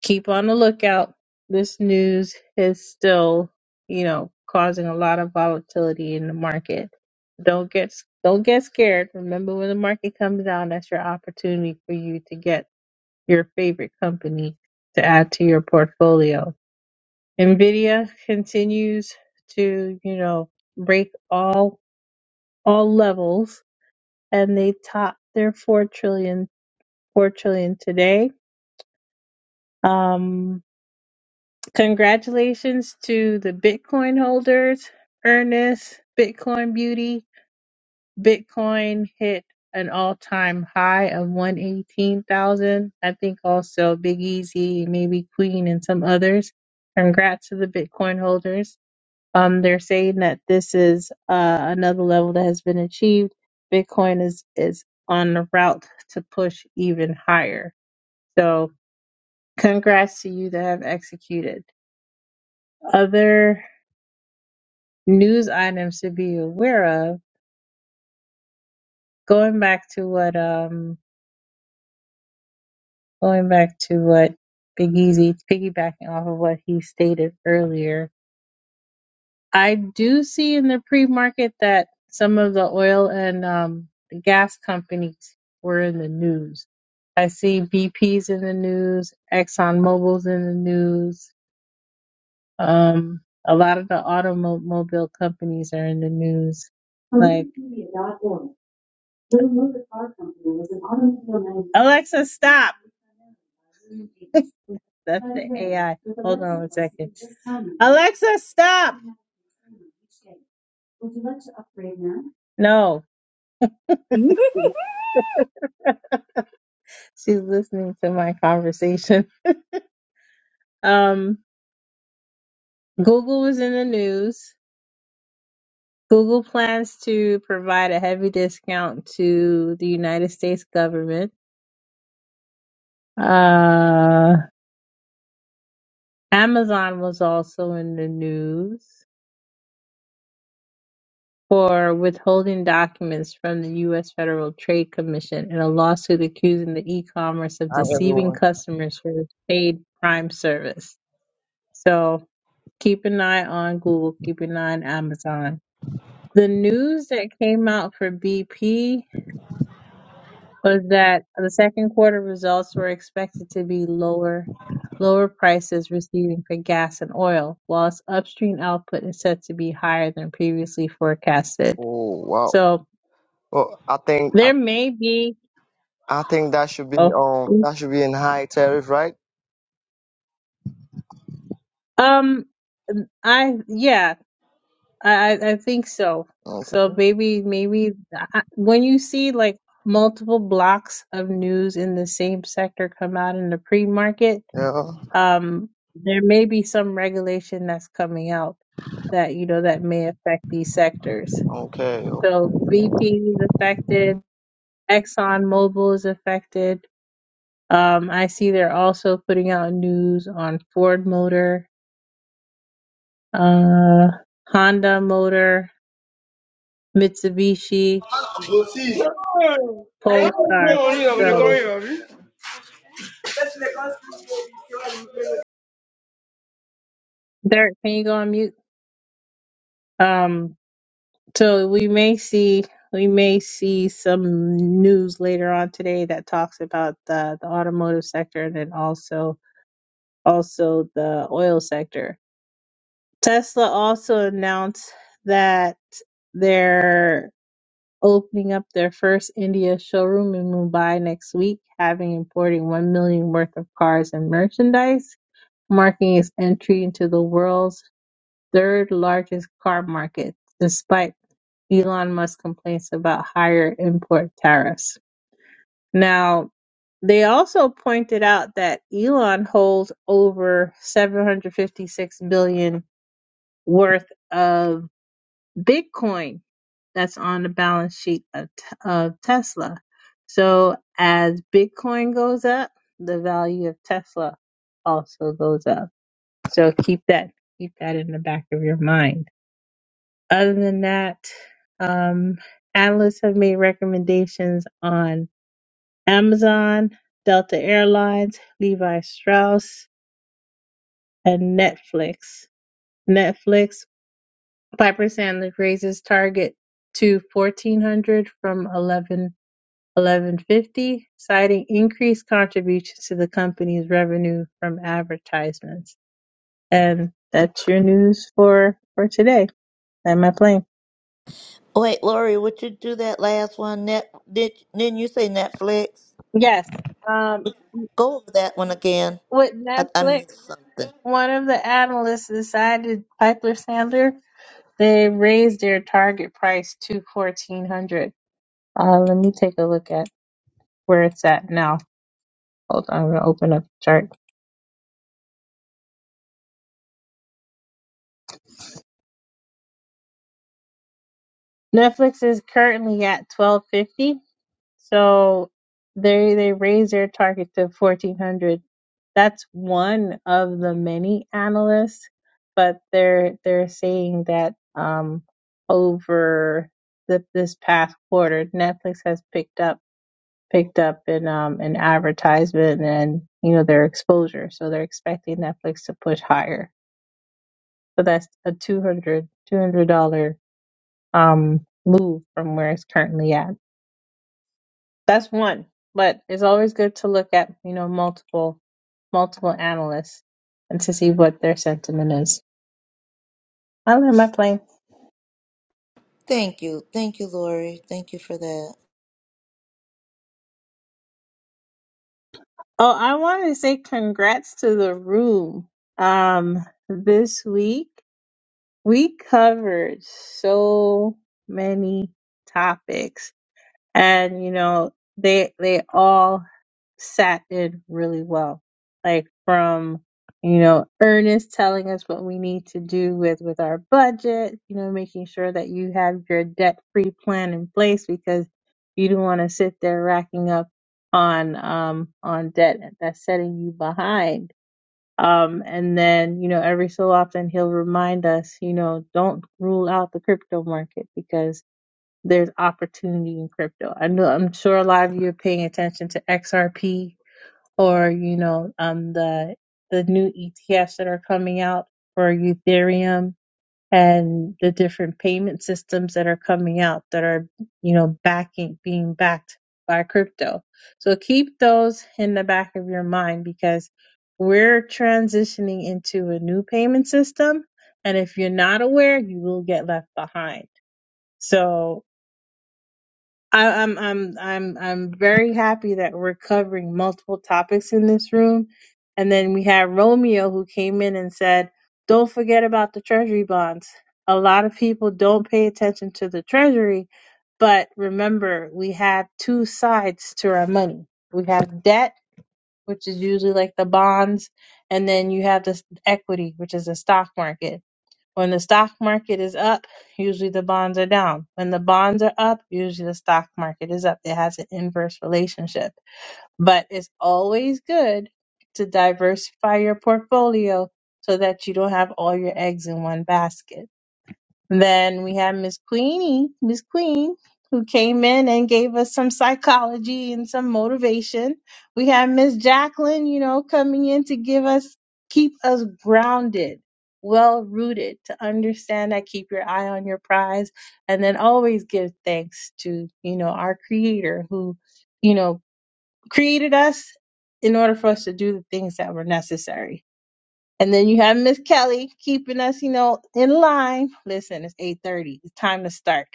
[SPEAKER 10] keep on the lookout this news is still you know causing a lot of volatility in the market don't get don't get scared remember when the market comes down that's your opportunity for you to get your favorite company to add to your portfolio. Nvidia continues to, you know, break all all levels and they top their four trillion four trillion today. Um congratulations to the Bitcoin holders, Ernest, Bitcoin Beauty, Bitcoin hit an all-time high of 118,000. I think also Big Easy, maybe Queen and some others. Congrats to the Bitcoin holders. Um, they're saying that this is uh, another level that has been achieved. Bitcoin is is on the route to push even higher. So, congrats to you that have executed. Other news items to be aware of. Going back to what um going back to what Big Easy, piggybacking off of what he stated earlier, I do see in the pre market that some of the oil and um, the gas companies were in the news. I see BP's in the news, ExxonMobil's in the news. Um, a lot of the automobile companies are in the news. Alexa, stop! That's guy. Alexa, stop! No,
[SPEAKER 1] [laughs]
[SPEAKER 10] she's listening to my conversation. [laughs] Um, Google is in the news. Google plans to provide a heavy discount to the United States government. Uh, Amazon was also in the news for withholding documents from the U.S. Federal Trade Commission in a lawsuit accusing the e-commerce of
[SPEAKER 13] Hi
[SPEAKER 10] deceiving
[SPEAKER 13] everyone.
[SPEAKER 10] customers for its paid Prime service. So keep an eye on Google. Keep an eye on Amazon. The news that came out for BP was that the second quarter results were expected to be lower lower prices receiving for gas and oil, whilst upstream output is set to be higher than previously forecasted.
[SPEAKER 13] Oh wow.
[SPEAKER 10] So
[SPEAKER 13] Well, I think I,
[SPEAKER 10] there may be
[SPEAKER 13] I think that should be
[SPEAKER 10] oh
[SPEAKER 13] um that should be in high tariff, right?
[SPEAKER 10] um I yeah, I I I think so.
[SPEAKER 13] Okay.
[SPEAKER 10] So maybe maybe I- when you see like multiple blocks of news in the same sector come out in the pre-market
[SPEAKER 13] Yeah.
[SPEAKER 10] um, there may be some regulation that's coming out that you know that may affect these sectors.
[SPEAKER 13] Okay.
[SPEAKER 10] So BP is affected, Exxon Mobil is affected. Um, I see they're also putting out news on Ford Motor, uh, Honda Motor, Mitsubishi, Polestar. So Derek, can you go on mute? Um, So we may see we may see some news later on today that talks about the, the automotive sector and then also also the oil sector. Tesla also announced that they're opening up their first India showroom in Mumbai next week, having importing one million worth of cars and merchandise, marking its entry into the world's third largest car market, despite Elon Musk complains about higher import tariffs. Now, they also pointed out that Elon holds over 756 billion worth of Bitcoin that's on the balance sheet of, of Tesla. So as Bitcoin goes up, the value of Tesla also goes up. So keep that keep that in the back of your mind. Other than that, um, analysts have made recommendations on Amazon, Delta Airlines, Levi Strauss, and Netflix. Netflix, Piper Sandler raises target to 1400 from 11 1150, citing increased contributions to the company's revenue from advertisements. And that's your news for for today. Am I playing?
[SPEAKER 2] Wait, Lori, would you do that last one? Net, did, didn't you say Netflix?
[SPEAKER 10] Yes. Um,
[SPEAKER 2] Go over that one again.
[SPEAKER 10] with
[SPEAKER 2] I, I
[SPEAKER 10] Netflix.
[SPEAKER 2] missed something.
[SPEAKER 10] One of the analysts decided Piper Sandler. They raised their target price to fourteen hundred. Uh, let me take a look at where it's at now. Hold on, I'm gonna open up the chart. Netflix is currently at twelve fifty, so they they raised their target to fourteen hundred. That's one of the many analysts, but they're they're saying that um over the, this past quarter, Netflix has picked up. picked up in um, an advertisement and you know their exposure so they're expecting netflix to push higher so that's a 200 $200 um, move from where it's currently at that's one but it's always good to look at you know multiple multiple analysts and to see what their sentiment is i land my plane
[SPEAKER 2] Thank you. Thank you, Lori. Thank you for that.
[SPEAKER 10] oh i wanted to say congrats to the room um this week we covered so many topics and you know they they all sat in really well like from you know ernest telling us what we need to do with with our budget you know making sure that you have your debt free plan in place because you don't want to sit there racking up on um on debt that's setting you behind um, and then, you know, every so often he'll remind us, you know, don't rule out the crypto market because there's opportunity in crypto. I know I'm sure a lot of you are paying attention to XRP or, you know, um the the new ETFs that are coming out for Ethereum and the different payment systems that are coming out that are you know backing being backed by crypto so keep those in the back of your mind because we're transitioning into a new payment system and if you're not aware you will get left behind so I, I'm I'm I'm I'm very happy that we're covering multiple topics in this room. And then we had Romeo who came in and said, "Don't forget about the treasury bonds. A lot of people don't pay attention to the treasury, but remember, we have two sides to our money. We have debt, which is usually like the bonds, and then you have this equity, which is the stock market. When the stock market is up, usually the bonds are down. When the bonds are up, usually the stock market is up. It has an inverse relationship. But it's always good to diversify your portfolio so that you don't have all your eggs in one basket. Then we had Miss Queenie, Miss Queen, who came in and gave us some psychology and some motivation. We had Miss Jacqueline, you know, coming in to give us, keep us grounded, well rooted, to understand that keep your eye on your prize and then always give thanks to, you know, our creator who, you know, created us in order for us to do the things that were necessary. And then you have Miss Kelly keeping us, you know, in line. Listen, it's 8:30. It's time to start.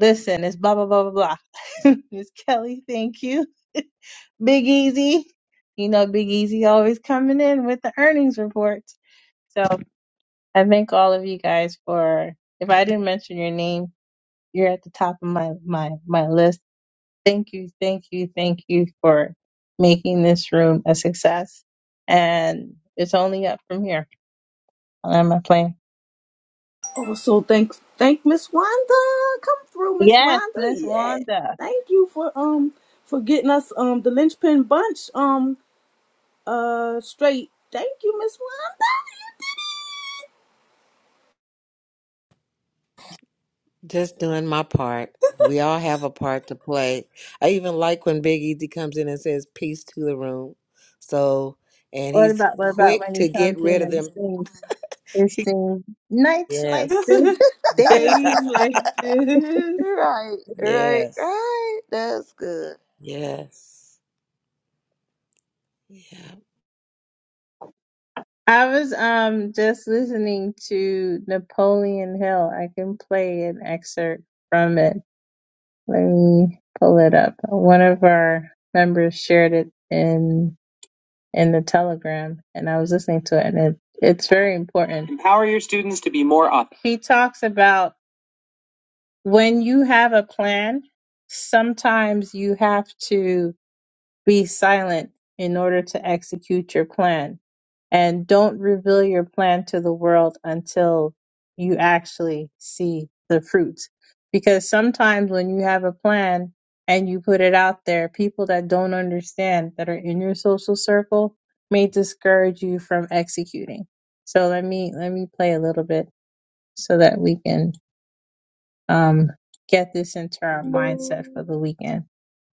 [SPEAKER 10] Listen, it's blah blah blah blah blah. [laughs] Miss Kelly, thank you. [laughs] Big Easy. You know, Big Easy always coming in with the earnings reports. So I thank all of you guys for if I didn't mention your name, you're at the top of my my my list. Thank you, thank you, thank you for making this room a success. And it's only up from here. I'm my plane.
[SPEAKER 1] also, thank thank Miss Wanda. Come through, Miss
[SPEAKER 10] Yes,
[SPEAKER 1] Wanda.
[SPEAKER 10] Miss
[SPEAKER 1] Yeah.
[SPEAKER 10] Wanda.
[SPEAKER 1] Thank you for um for getting us um the linchpin bunch um uh straight. Thank you, Miss
[SPEAKER 3] Just doing my part. We all have a part to play. I even like when Big Easy comes in and says peace to the room. So, and
[SPEAKER 10] What
[SPEAKER 3] he's
[SPEAKER 10] about what about
[SPEAKER 3] quick
[SPEAKER 10] when
[SPEAKER 3] to
[SPEAKER 10] he
[SPEAKER 3] get
[SPEAKER 10] comes in
[SPEAKER 3] rid of
[SPEAKER 10] and
[SPEAKER 3] them.
[SPEAKER 10] sings? It sings nights like
[SPEAKER 3] Yes.
[SPEAKER 10] this,
[SPEAKER 1] Wanda. [laughs]
[SPEAKER 3] [laughs]
[SPEAKER 10] days like
[SPEAKER 1] Days
[SPEAKER 10] this.
[SPEAKER 1] like this.
[SPEAKER 2] Right, right,
[SPEAKER 3] yes.
[SPEAKER 2] right. That's good.
[SPEAKER 3] Yes. Yeah.
[SPEAKER 10] I was um just listening to Napoleon Hill. I can play an excerpt from it. Let me pull it up. One of our members shared it in in the Telegram, and I was listening to it, and it, it's very important. Empower your students to be more up. He talks about when you have a plan, sometimes you have to be silent in order to execute your plan. And don't reveal your plan to the world until you actually see the fruits. Because sometimes when you have a plan and you put it out there, people that don't understand that are in your social circle may discourage you from executing. So let me let me play a little bit so that we can um, get this into our mindset for the weekend.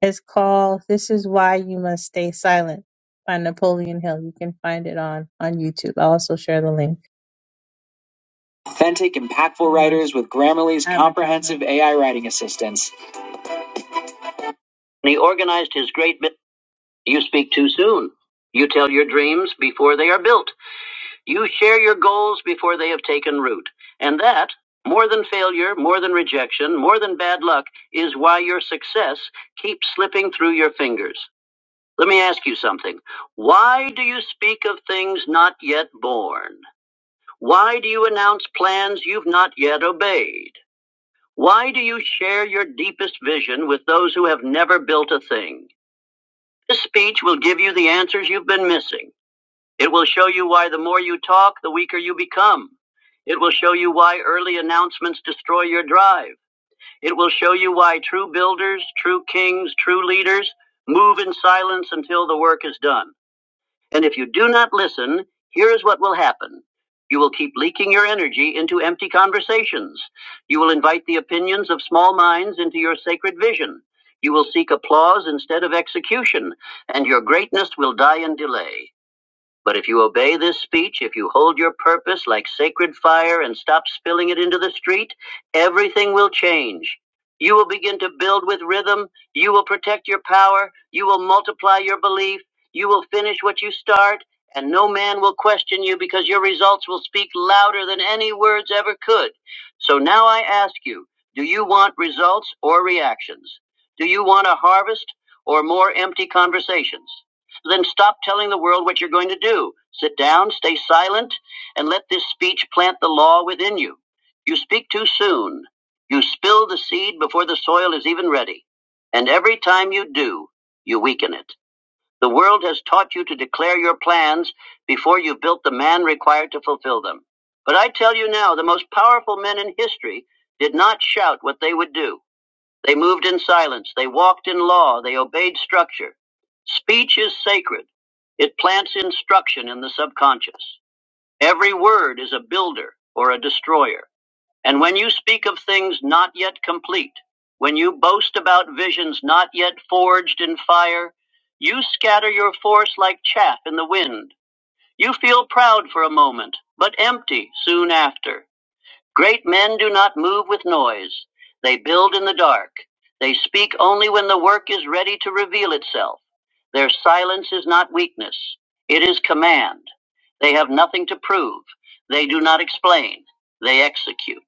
[SPEAKER 10] It's called "This Is Why You Must Stay Silent" by Napoleon Hill. You can find it on on YouTube. I'll also share the link. Authentic, impactful writers with Grammarly's I'm a- comprehensive AI writing assistance. And he organized his great. Bi- you speak too soon. You tell your dreams before they are built. You share your goals before they have taken root. And that, more than failure, more than rejection, more than bad luck, is why your success keeps slipping through your fingers. Let me ask you something. Why do you speak of things not yet born? Why do you announce plans you've not yet obeyed? Why do you share your deepest vision with those who have never built a thing? This speech will give you the answers you've been missing. It will show you why the more you talk, the weaker you become. It will show you why early announcements destroy your drive. It will show you why true builders, true kings, true leaders move in silence until the work is done. And if you do not listen, here is what will happen. You will keep leaking your energy into empty conversations. You will invite the opinions of small minds into your sacred vision. You will seek applause instead of execution, and your greatness will die in delay. But if you obey this speech, if you hold your purpose like sacred fire and stop spilling it into the street, everything will change. You will begin to build with rhythm. You will protect your power. You will multiply your belief. You will finish what you start. And no man will question you because your results will speak louder than any words ever could. So now I ask you do you want results or reactions? Do you want a harvest or more empty conversations? Then stop telling the world what you're going to do. Sit down, stay silent, and let this speech plant the law within you. You speak too soon. You spill the seed before the soil is even ready. And every time you do, you weaken it. The world has taught you to declare your plans before you've built the man required to fulfill them. But I tell you now, the most powerful men in history did not shout what they would do. They moved in silence. They walked in law. They obeyed structure. Speech is sacred. It plants instruction in the subconscious. Every word is a builder or a destroyer. And when you speak of things not yet complete, when you boast about visions not yet forged in fire, you scatter your force like chaff in the wind. You feel proud for a moment, but empty soon after. Great men do not move with noise. They build in the dark. They speak only when the work is ready to reveal itself. Their silence is not weakness, it is command. They have nothing to prove. They do not explain. They execute.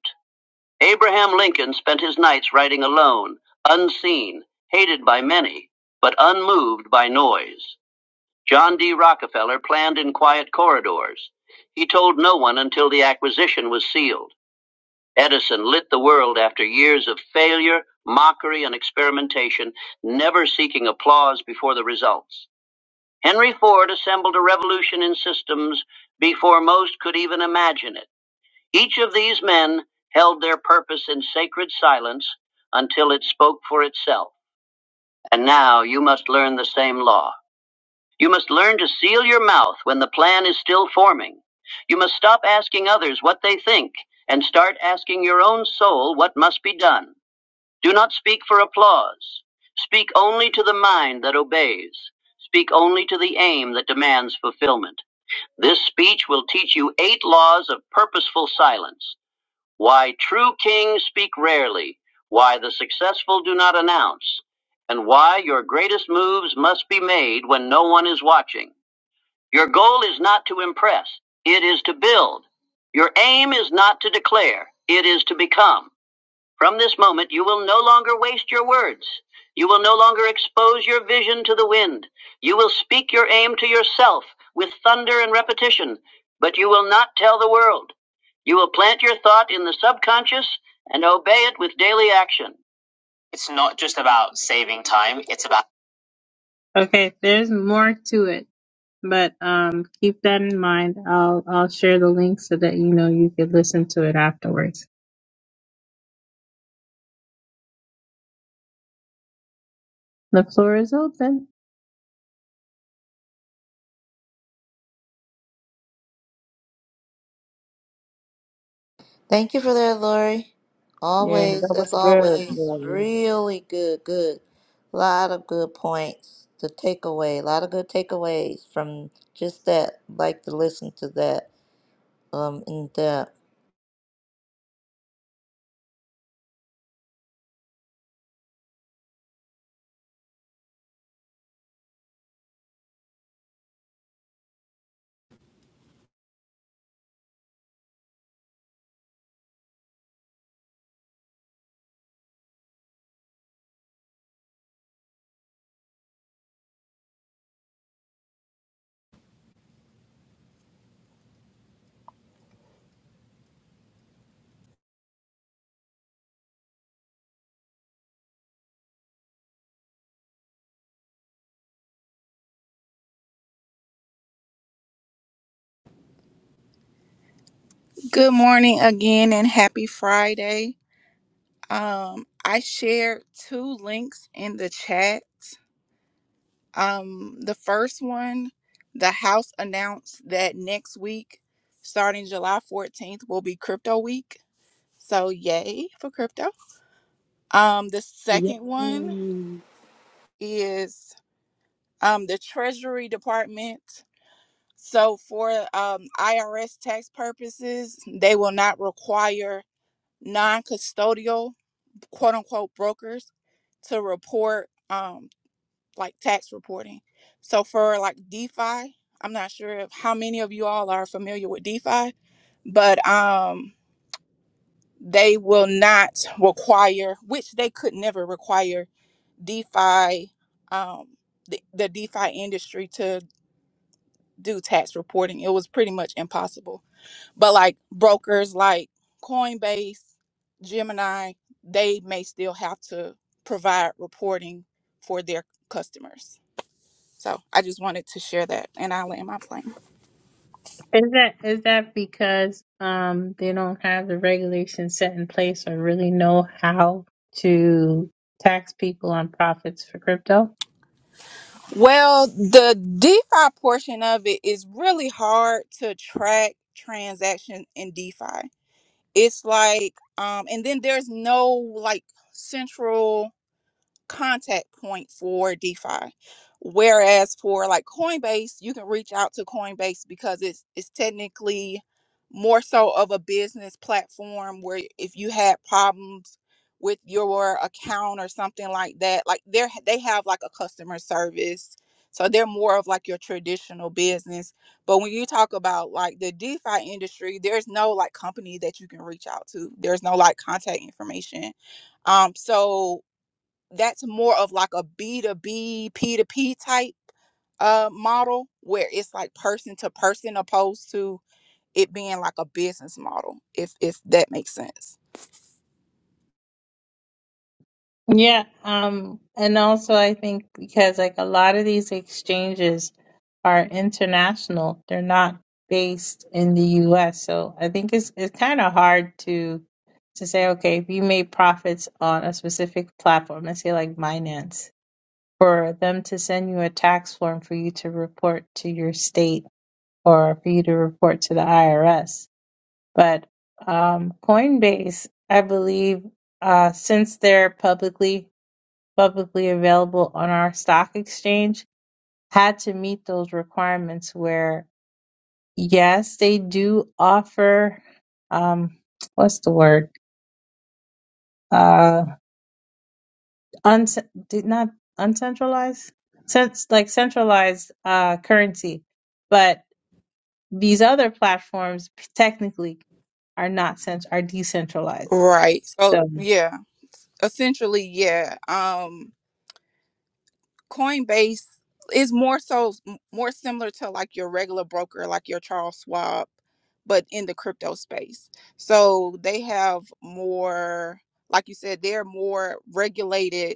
[SPEAKER 10] Abraham Lincoln spent his nights writing alone, unseen, hated by many, but unmoved by noise. John D. Rockefeller planned in quiet corridors. He told no one until the acquisition was sealed. Edison lit the world after years of failure, mockery, and experimentation, never seeking applause before the results. Henry Ford assembled a revolution in systems before most could even imagine it. Each of these men held their purpose in sacred silence until it spoke for itself. And now you must learn the same law. You must learn to seal your mouth when the plan is still forming. You must stop asking others what they think and start asking your own soul what must be done. Do not speak for applause. Speak only to the mind that obeys. Speak only to the aim that demands fulfillment. This speech will teach you eight laws of purposeful silence. Why true kings speak rarely, why the successful do not announce, and why your greatest moves must be made when no one is watching. Your goal is not to impress, it is to build. Your aim is not to declare, it is to become. From this moment, you will no longer waste your words. You will no longer expose your vision to the wind. You will speak your aim to yourself with thunder and repetition, but you will not tell the world. You will plant your thought in the subconscious and obey it with daily action. Okay, there's more to it, but um, keep that in mind. I'll I'll share the link so that you know you could listen to it afterwards. The floor is open.
[SPEAKER 2] Thank you for that, Lori.
[SPEAKER 5] Yeah,
[SPEAKER 2] Always,
[SPEAKER 5] that
[SPEAKER 2] as
[SPEAKER 5] was good.
[SPEAKER 2] always,
[SPEAKER 5] Yeah.
[SPEAKER 2] really good, good. lot of good points to take away. A lot of good takeaways from just that. Like to listen to that um in depth.
[SPEAKER 9] Good morning again and happy Friday. Um, I shared two links in the chat. Um, the first one, the House announced that next week, starting July 14th, will be crypto week. So yay for crypto. Um, the
[SPEAKER 1] Yay.
[SPEAKER 9] second one is um the Treasury Department So, for um, IRS tax purposes, they will not require non custodial, quote unquote, brokers to report um, like tax reporting. So, for like DeFi, I'm not sure if how many of you all are familiar with DeFi, but um, they will not require, which they could never require DeFi, um, the, the DeFi industry to do tax reporting. It was pretty much impossible But like brokers like Coinbase, Gemini, they may still have to provide reporting for their customers. So I just wanted to share that and I land my plane.
[SPEAKER 10] Is that is that because um they don't have the regulations set in place or really know how to tax people on profits for crypto?
[SPEAKER 9] Well, the DeFi portion of it is really hard to track transaction in DeFi. It's like um and then there's no like central contact point for DeFi. Whereas for like Coinbase, you can reach out to Coinbase because it's it's technically more so of a business platform where if you had problems with your account or something like that, like they're they have like a customer service. So they're more of like your traditional business. But when you talk about like the DeFi industry, there's no like company that you can reach out to. There's no like contact information. Um, so that's more of like ab to bp to P2P type uh model where it's like person to person opposed to it being like a business model, if if that makes sense.
[SPEAKER 10] Yeah, um, and also I think because like a lot of these exchanges are international, they're not based in the US. So I think it's it's kind of hard to to say, okay, if you made profits on a specific platform, let's say like Binance, for them to send you a tax form for you to report to your state or for you to report to the IRS. But um, Coinbase, I believe, uh, since they're publicly publicly available on our stock exchange had to meet those requirements where yes they do offer um what's the word uh un did not uncentralized since like centralized uh currency but these other platforms technically are not cent- are decentralized
[SPEAKER 9] Right.
[SPEAKER 10] so
[SPEAKER 9] So yeah, essentially, yeah. Um Coinbase is more so more similar to like your regular broker, like your Charles Schwab, but in the crypto space. So they have more like you said, they're more regulated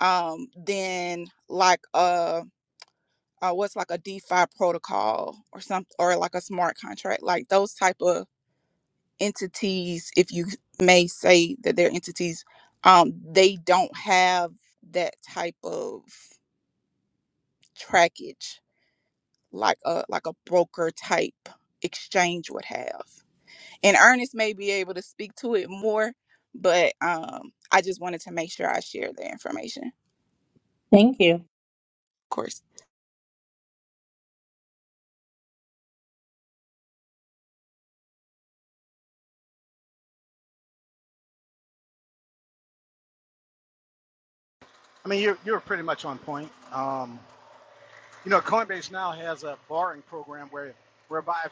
[SPEAKER 9] um, than like a uh, what's like a DeFi protocol or something, or like a smart contract, like those type of entities, if you may say that they're entities, um, they don't have that type of trackage like a like a broker type exchange would have. And Ernest may be able to speak to it more, but um, I just wanted to make sure I share the information. Of
[SPEAKER 10] thank you
[SPEAKER 9] course.
[SPEAKER 12] I mean, you're, you're pretty much on point. Um, you know, Coinbase now has a borrowing program where whereby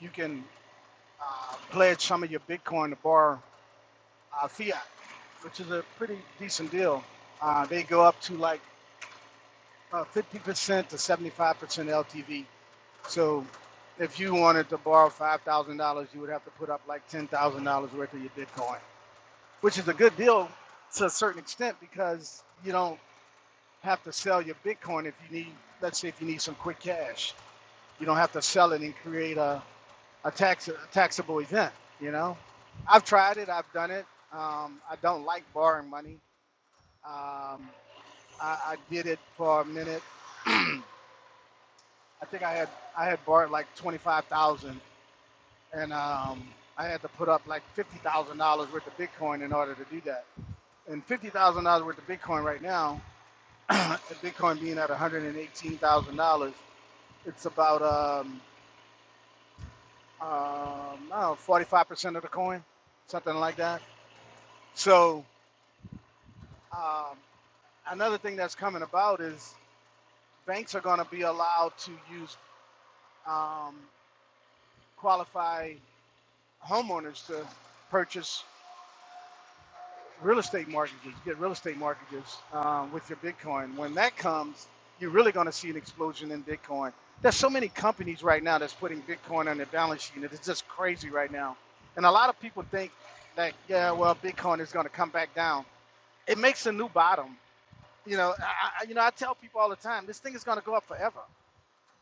[SPEAKER 12] you can uh, pledge some of your Bitcoin to borrow uh, fiat, which is a pretty decent deal. Uh, they go up to like uh, 50% to 75% LTV. So if you wanted to borrow $5,000, you would have to put up like $10,000 worth of your Bitcoin, which is a good deal to a certain extent because you don't have to sell your Bitcoin if you need, let's say, if you need some quick cash. You don't have to sell it and create a, a tax a taxable event. You know, I've tried it. I've done it. Um, I don't like borrowing money. Um, I, I did it for a minute. [clears throat] I think I had I had borrowed like twenty five thousand, dollars and um, I had to put up like fifty thousand dollars worth of Bitcoin in order to do that. And fifty thousand dollars worth of Bitcoin right now, [clears throat] Bitcoin being at one hundred and eighteen thousand dollars. It's about um, um, I don't know, 45% of the coin, something like that. So um, another thing that's coming about is banks are going to be allowed to use um, qualified homeowners to purchase real estate mortgages, get real estate mortgages um, with your Bitcoin. When that comes, you're really going to see an explosion in Bitcoin. There's so many companies right now that's putting Bitcoin on their balance sheet, and it's just crazy right now. And a lot of people think that yeah, well, Bitcoin is going to come back down. It makes a new bottom. You know, I- you know, I tell people all the time, this thing is going to go up forever.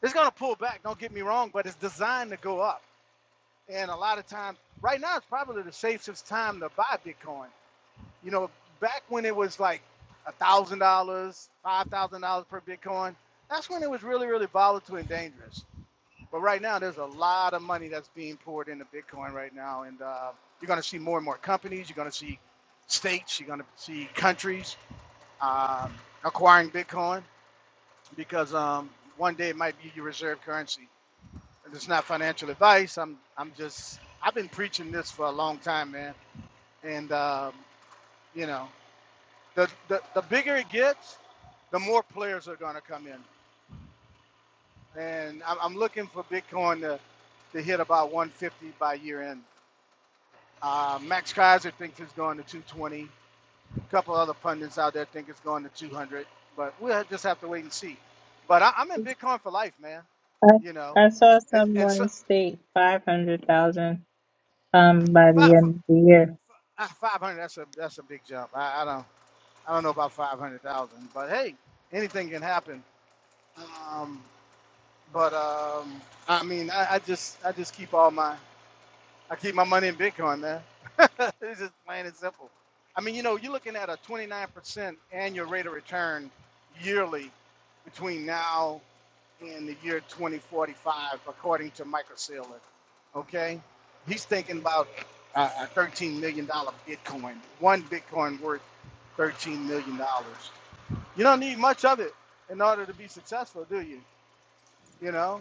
[SPEAKER 12] It's going to pull back. Don't get me wrong, but it's designed to go up. And a lot of times, right now, it's probably the safest time to buy Bitcoin you know, back when it was like a thousand dollars, five thousand dollars per Bitcoin, that's when it was really, really volatile and dangerous. But right now, there's a lot of money that's being poured into Bitcoin right now, and uh, you're going to see more and more companies. You're going to see states. You're going to see countries um, acquiring Bitcoin because um, one day it might be your reserve currency. And it's not financial advice. I'm, I'm just, I've been preaching this for a long time, man, and um, you know. the, the, the bigger it gets, the more players are going to come in. And I'm, I'm looking for Bitcoin to, to hit about 150 by year end. Uh, Max Kaiser thinks it's going to 220. A couple other pundits out there think it's going to 200, but we'll just have to wait and see. But I, I'm in Bitcoin for life, man.
[SPEAKER 10] I,
[SPEAKER 12] You know,
[SPEAKER 10] I saw
[SPEAKER 12] and and so
[SPEAKER 10] someone state 500,000 um by
[SPEAKER 12] five,
[SPEAKER 10] the end of the year
[SPEAKER 12] uh, 500. That's a that's a big jump. I, I don't I don't know about 500,000, but hey, anything can happen. Um, But um, I mean, I, I just I just keep all my I keep my money in Bitcoin, man. [laughs] it's just plain and simple. I mean, you know, you're looking at a 29% annual rate of return yearly between now and the year 2045, according to Michael Saylor. Okay, he's thinking about a a 13 million dollar Bitcoin. One Bitcoin worth 13 million dollars. You don't need much of it in order to be successful, do you? You know.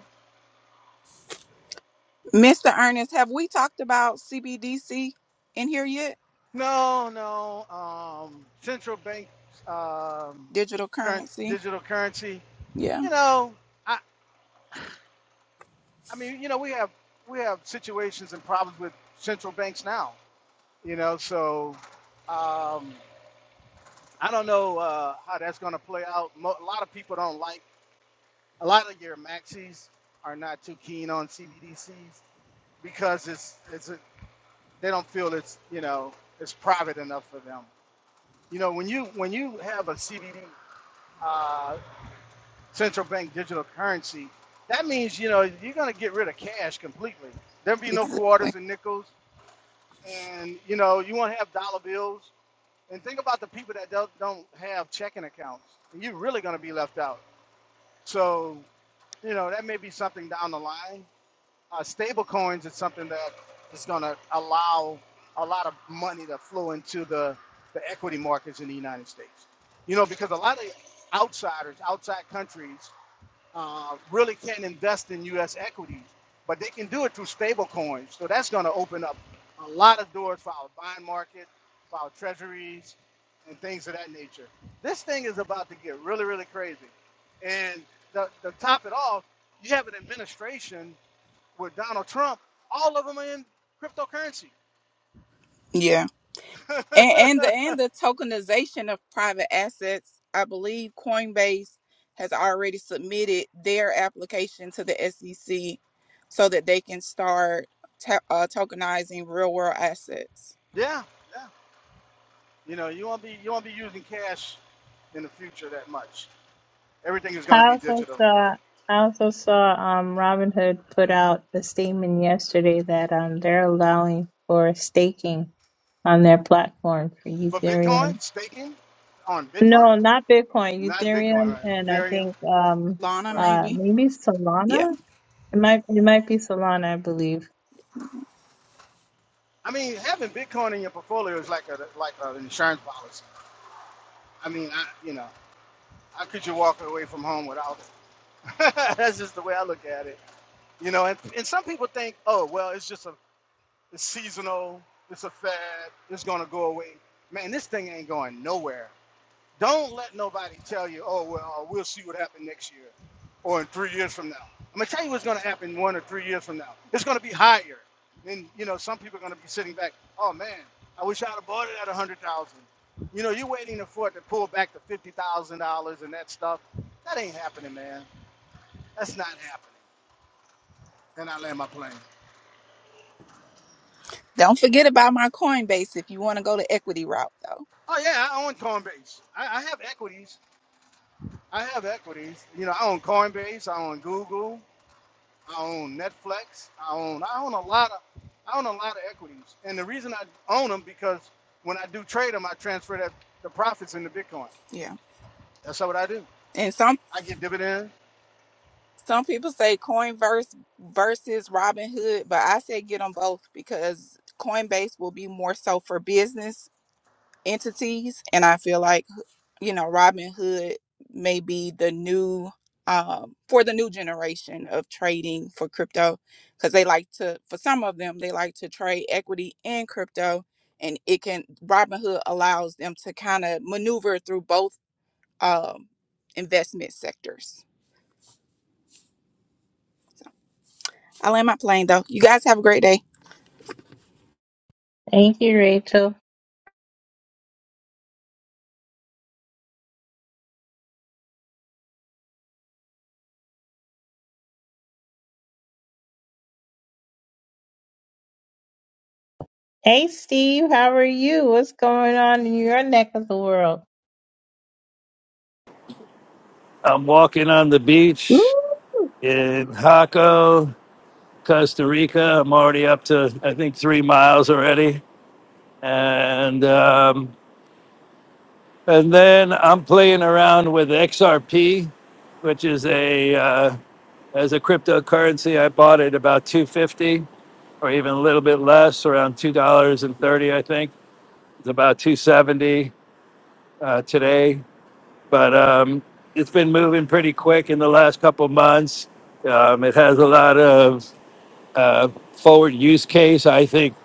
[SPEAKER 9] Mr. Ernest, have we talked about CBDC in here yet?
[SPEAKER 12] No, no. Um, central bank um,
[SPEAKER 9] Digital
[SPEAKER 12] current
[SPEAKER 9] currency.
[SPEAKER 12] digital currency.
[SPEAKER 9] Yeah,
[SPEAKER 12] You know, I, I mean, you know, we have we have situations and problems with central banks now. You know, so um, I don't know uh, how that's going to play out. Mo- a lot of people don't like. A lot of your maxis are not too keen on CBDCs because it's it's a, they don't feel it's you know it's private enough for them. You know, when you when you have a CBD central bank digital currency, that means you know you're going to get rid of cash completely. There'll be no
[SPEAKER 9] exactly.
[SPEAKER 12] quarters and nickels, and you know you won't have dollar bills. And think about the people that don't, don't have checking accounts. You're really going to be left out. So you know that may be something down the line. Uh, stable coins is something that is going to allow a lot of money to flow into the, the equity markets in the United States. You know because a lot of outsiders, outside countries uh, really can't invest in U.S. equities, but they can do it through stable coins. So that's going to open up a lot of doors for our bond market, for our treasuries, and things of that nature. This thing is about to get really, really crazy. And to, to top it off, you have an administration with Donald Trump. All of them are in cryptocurrency.
[SPEAKER 9] Yeah.
[SPEAKER 12] [laughs]
[SPEAKER 9] And, and the and the tokenization of private assets. I believe Coinbase has already submitted their application to the SEC so that they can start to- uh, tokenizing real world assets.
[SPEAKER 12] yeah, yeah. You know, you won't be you won't be using cash in the future that much. Everything is going to
[SPEAKER 10] I
[SPEAKER 12] be
[SPEAKER 10] also
[SPEAKER 12] digital.
[SPEAKER 10] saw I also saw um Robin Hood put out a statement yesterday that um they're allowing for staking on their platform for
[SPEAKER 12] For
[SPEAKER 10] Ethereum.
[SPEAKER 12] Bitcoin, staking on Bitcoin,
[SPEAKER 10] No, not Bitcoin,
[SPEAKER 12] not Bitcoin,
[SPEAKER 10] Ethereum
[SPEAKER 12] right?
[SPEAKER 10] and I
[SPEAKER 12] Ethereum,
[SPEAKER 10] think um
[SPEAKER 9] Lana,
[SPEAKER 12] right?
[SPEAKER 10] uh
[SPEAKER 9] maybe.
[SPEAKER 10] maybe
[SPEAKER 9] Yeah.
[SPEAKER 10] Solana. It might it might be Solana, I believe.
[SPEAKER 12] I mean, having Bitcoin in your portfolio is like a like an insurance policy. I mean, I you know, how could you walk away from home without it? [laughs] That's just the way I look at it. You know, and, and some people think, oh well, it's just a it's seasonal, it's a fad, it's gonna go away. Man, this thing ain't going nowhere. Don't let nobody tell you, oh, well, uh, we'll see what happens next year or in three years from now. I'm going to tell you what's going to happen one or three years from now. It's going to be higher. And, you know, some people are going to be sitting back, oh, man, I wish I'd have bought it at 100000 You know, you're waiting for it to pull back to $50,000 and that stuff. That ain't happening, man. That's not happening. And I land my plane.
[SPEAKER 9] Don't forget about my Coinbase if you want to go the equity route, though.
[SPEAKER 12] Oh, yeah, I own Coinbase. I, I have equities. I have equities. You know, I own Coinbase. I own Google. I own Netflix. I own I own a lot of I own a lot of equities, and the reason I own them because when I do trade them, I transfer that the profits into Bitcoin.
[SPEAKER 9] Yeah.
[SPEAKER 12] That's what I do.
[SPEAKER 9] And some
[SPEAKER 12] I get dividends.
[SPEAKER 9] some people say Coinverse versus Robinhood, but I say get them both because Coinbase will be more so for business entities, and I feel like you know Robinhood may be the new um, for the new generation of trading for crypto because they like to for some of them they like to trade equity and crypto, and it can Robinhood allows them to kind of maneuver through both um, investment sectors. I land my plane though. You guys have a great day.
[SPEAKER 10] Thank you, Rachel. Hey Steve, how are you? What's going on in your neck of the world?
[SPEAKER 14] I'm walking on the
[SPEAKER 10] Woo!
[SPEAKER 14] beach in Jaco, Costa Rica. I'm already up to I think three miles already, and um, and then I'm playing around with XRP, which is a uh, as a cryptocurrency. I bought it about 250 or even a little bit less, around two dollars and thirty. I think it's about 270 uh, today, but um, it's been moving pretty quick in the last couple months. Um, it has a lot of uh, forward use case. I think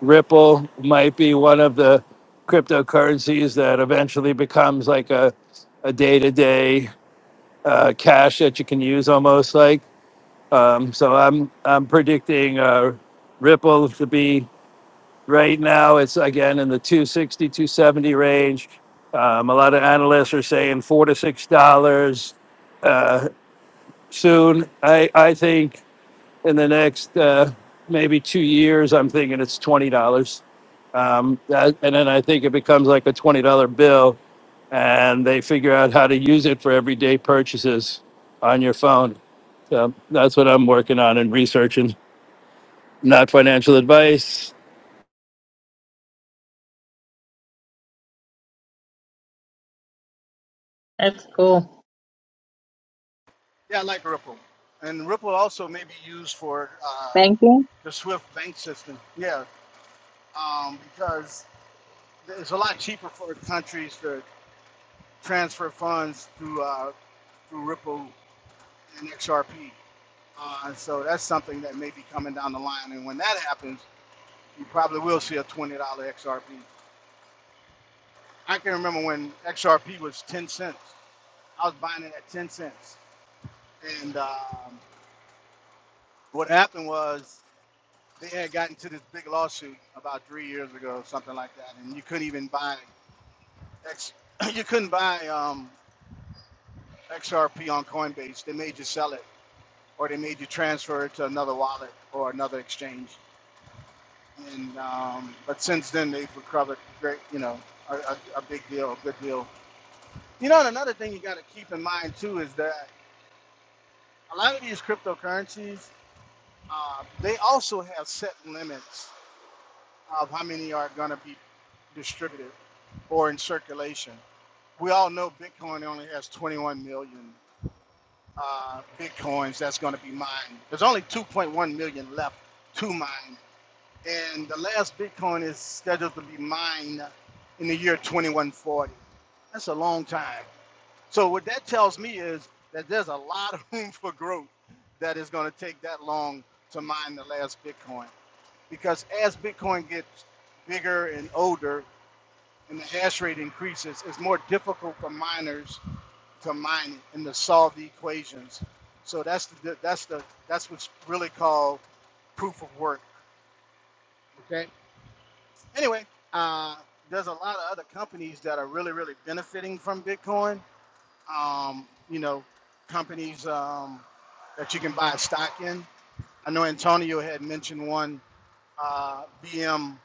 [SPEAKER 14] Ripple might be one of the cryptocurrencies that eventually becomes like a, a day-to-day uh, cash that you can use almost like. Um, so I'm I'm predicting uh, Ripple to be right now. It's again in the 260, 270 range. Um, a lot of analysts are saying four to six dollars uh, soon. I I think in the next uh, maybe two years, I'm thinking it's twenty dollars, um, that- and then I think it becomes like a twenty dollar bill, and they figure out how to use it for everyday purchases on your phone. So that's what I'm working on and researching. Not financial advice,
[SPEAKER 10] That's cool.
[SPEAKER 12] Yeah, I like Ripple, and Ripple also may be used for um,
[SPEAKER 10] Thank you.
[SPEAKER 12] the SWIFT bank system. Yeah, um, because it's a lot cheaper for countries to transfer funds through uh, through Ripple and XRP. Uh, so that's something that may be coming down the line, and when that happens you probably will see a $20 XRP. I can remember when XRP was 10 cents. I was buying it at 10 cents. And um, what happened was they had gotten to this big lawsuit about three years ago, something like that. And you couldn't even buy X, [coughs] [clears throat] you couldn't buy um, XRP on Coinbase. They made you sell it or they made you transfer it to another wallet or another exchange. And um, but since then they've recovered great, you know, a, a, a big deal, a good deal You know, and another thing you got to keep in mind too is that a lot of these cryptocurrencies, uh, they also have set limits of how many are going to be distributed or in circulation. We all know Bitcoin only has 21 million uh, Bitcoins that's going to be mined. There's only 2.1 million left to mine. And the last Bitcoin is scheduled to be mined in the year 2140. That's a long time. So what that tells me is that there's a lot of room for growth that is going to take that long to mine the last Bitcoin. Because as Bitcoin gets bigger and older and the hash rate increases, it's more difficult for miners to mine it and to solve the equations. So that's the that's the that's what's really called proof of work. Okay. Anyway, uh, there's a lot of other companies that are really really benefiting from Bitcoin um, you know, companies um, that you can buy stock in. I know Antonio had mentioned one, uh, BMNR.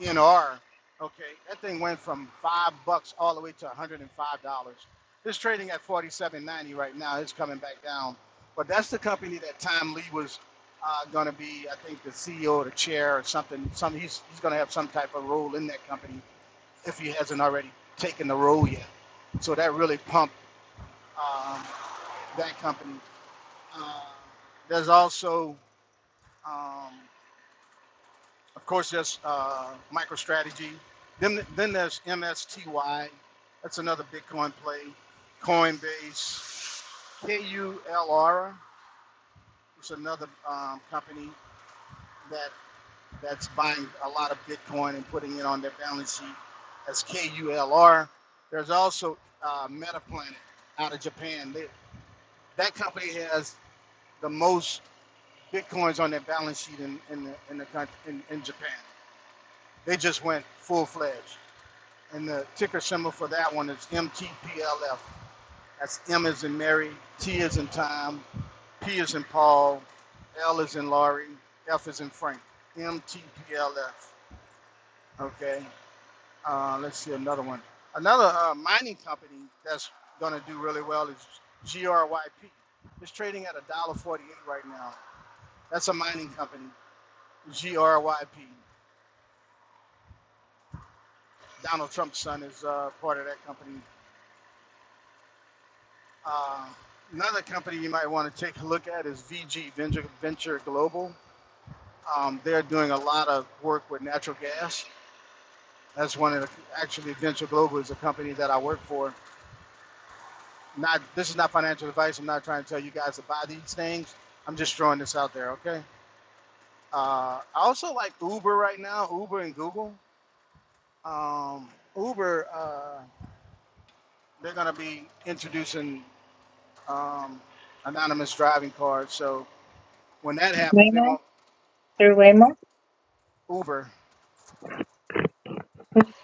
[SPEAKER 12] Okay, that thing went from five bucks all the way to $105. It's trading at 47.90 right now. It's coming back down, but that's the company that Tom Lee was uh, going to be, I think, the CEO or the chair or something. Some he's he's going to have some type of role in that company if he hasn't already taken the role yet. So that really pumped. um, that company. Uh, there's also, um, of course, there's uh, MicroStrategy. Then, then there's MSTY. That's another Bitcoin play. Coinbase, KULR. It's another um, company that that's buying a lot of Bitcoin and putting it on their balance sheet as KULR. There's also uh, MetaPlanet out of Japan. They, that company has the most Bitcoin's on their balance sheet in in the, in the country in, in Japan. They just went full fledged, and the ticker symbol for that one is MTPLF. That's M is in Mary, T is in Tom, P is in Paul, L is in Laurie, F is in Frank. MTPLF. Okay. Uh, let's see another one. Another uh, mining company that's going to do really well is GRYP. It's trading at one dollar forty-eight right now. That's a mining company, GRYP. Donald Trump's son is uh, part of that company. Um, another company you might want to take a look at is VG Venture, Venture Global. Um, they're doing a lot of work with natural gas. That's one of the actually Venture Global is a company that I work for. Not this is not financial advice. I'm not trying to tell you guys to buy these things. I'm just throwing this out there. Okay. Uh, I also like Uber right now. Uber and Google. Um, Uber, uh, they're going to be introducing um, anonymous driving cards. So when that happens, they
[SPEAKER 10] Wayman,
[SPEAKER 12] won't
[SPEAKER 10] through Waymo.
[SPEAKER 12] Uber.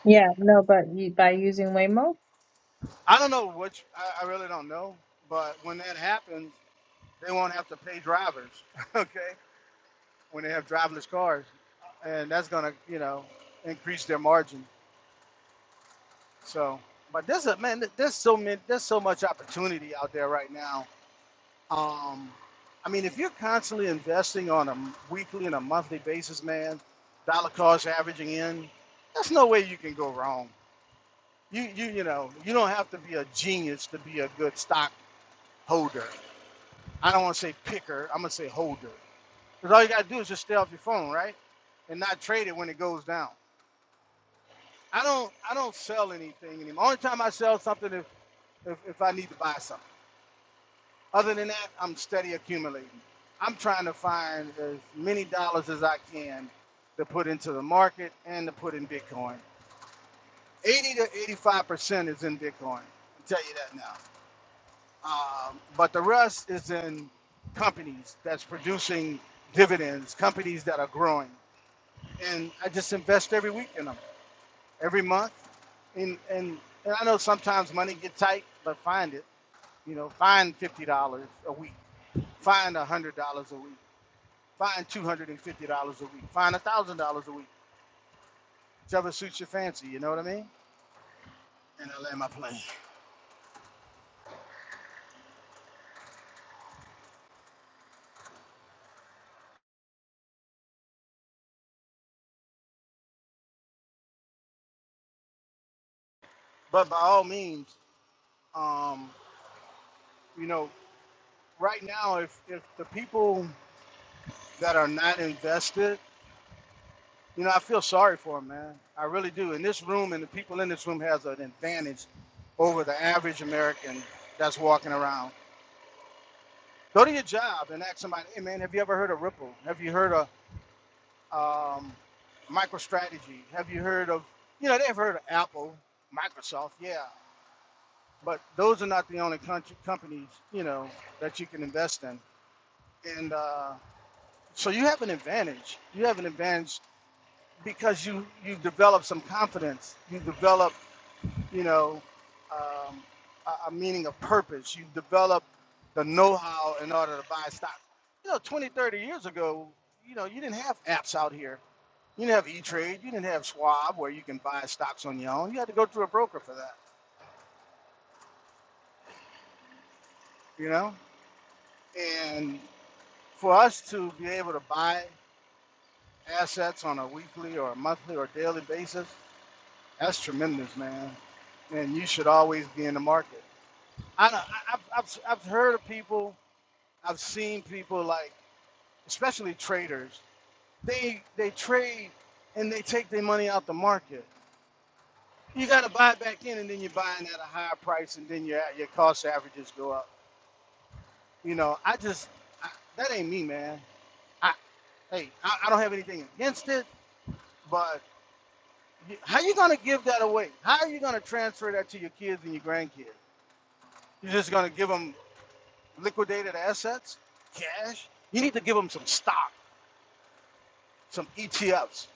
[SPEAKER 10] Yeah, no, but you, by using Waymo,
[SPEAKER 12] I don't know which. I, I really don't know. But when that happens, they won't have to pay drivers. [laughs] Okay, when they have driverless cars, and that's gonna you know increase their margin. So, but there's a man. There's so many. There's so much opportunity out there right now. Um, I mean, if you're constantly investing on a weekly and a monthly basis, man, dollar cost averaging in, There's no way you can go wrong you you you know you don't have to be a genius to be a good stock holder. I don't want to say picker. I'm gonna say holder because all you gotta do is just stay off your phone, right, and not trade it when it goes down. I don't I don't sell anything anymore. Only time I sell something if if, if I need to buy something. Other than that, I'm steady accumulating. I'm trying to find as many dollars as I can to put into the market and to put in Bitcoin. 80 to 85 percent is in Bitcoin. I'll tell you that now. Um, but the rest is in companies that's producing dividends, companies that are growing. And I just invest every week in them, every month. And, and, and I know sometimes money get tight, but find it. You know, find $50 a week, find $100 a week, find $250 a week, find $1,000 a week, whichever suits your fancy, you know what I mean? And I land my plane. But by all means, um, you know, right now, if, if the people that are not invested, you know, I feel sorry for them, man. I really do. And this room and the people in this room has an advantage over the average American that's walking around. Go to your job and ask somebody, hey, man, have you ever heard of Ripple? Have you heard of um, MicroStrategy? Have you heard of, you know, they've heard of Apple, Microsoft, yeah. But those are not the only country, companies, you know, that you can invest in. And uh, so you have an advantage. You have an advantage because you you've developed some confidence you develop you know um, a, a meaning of purpose you develop the know-how in order to buy stocks. you know 20 30 years ago you know you didn't have apps out here you didn't have e-trade you didn't have schwab where you can buy stocks on your own you had to go through a broker for that you know and for us to be able to buy assets on a weekly or a monthly or daily basis that's tremendous man and you should always be in the market I don't, I- I've, I've, I've heard of people, I've seen people like, especially traders, they they trade and they take their money out the market. You got to buy back in, and then you're buying at a higher price, and then your your cost averages go up. You know, I just I, that ain't me, man. I hey, I, I don't have anything against it, but you, how you gonna give that away? How are you gonna transfer that to your kids and your grandkids? You're just gonna give them liquidated assets, cash? You need to give them some stock some ETFs.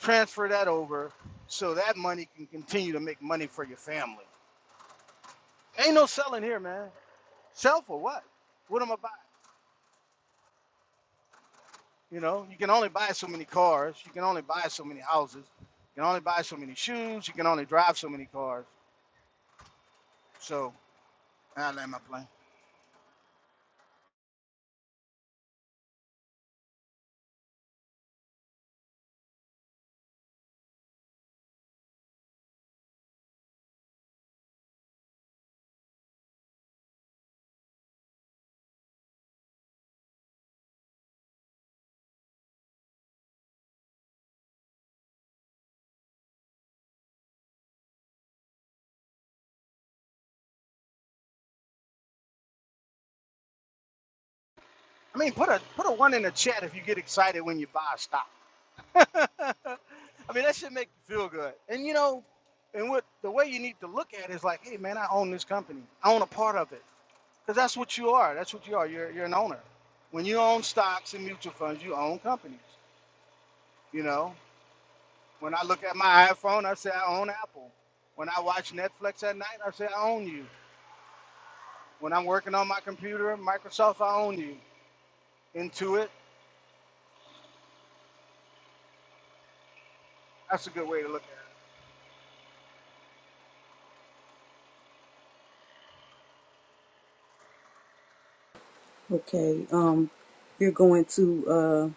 [SPEAKER 12] Transfer that over so that money can continue to make money for your family. Ain't no selling here, man. Sell for what? What am I buy? You know, you can only buy so many cars. You can only buy so many houses. You can only buy so many shoes. You can only drive so many cars. So I land my plane. I mean, put a put a one in the chat if you get excited when you buy a stock. [laughs] I mean, that should make you feel good. And you know, and what the way you need to look at it is like, hey man, I own this company. I own a part of it. Because that's what you are. That's what you are. You're, you're an owner. When you own stocks and mutual funds, you own companies. You know, when I look at my iPhone, I say I own Apple. When I watch Netflix at night, I say I own you. When I'm working on my computer, Microsoft, I own you. Intuit, that's a good way to look
[SPEAKER 1] Okay. Um, we're going to uh,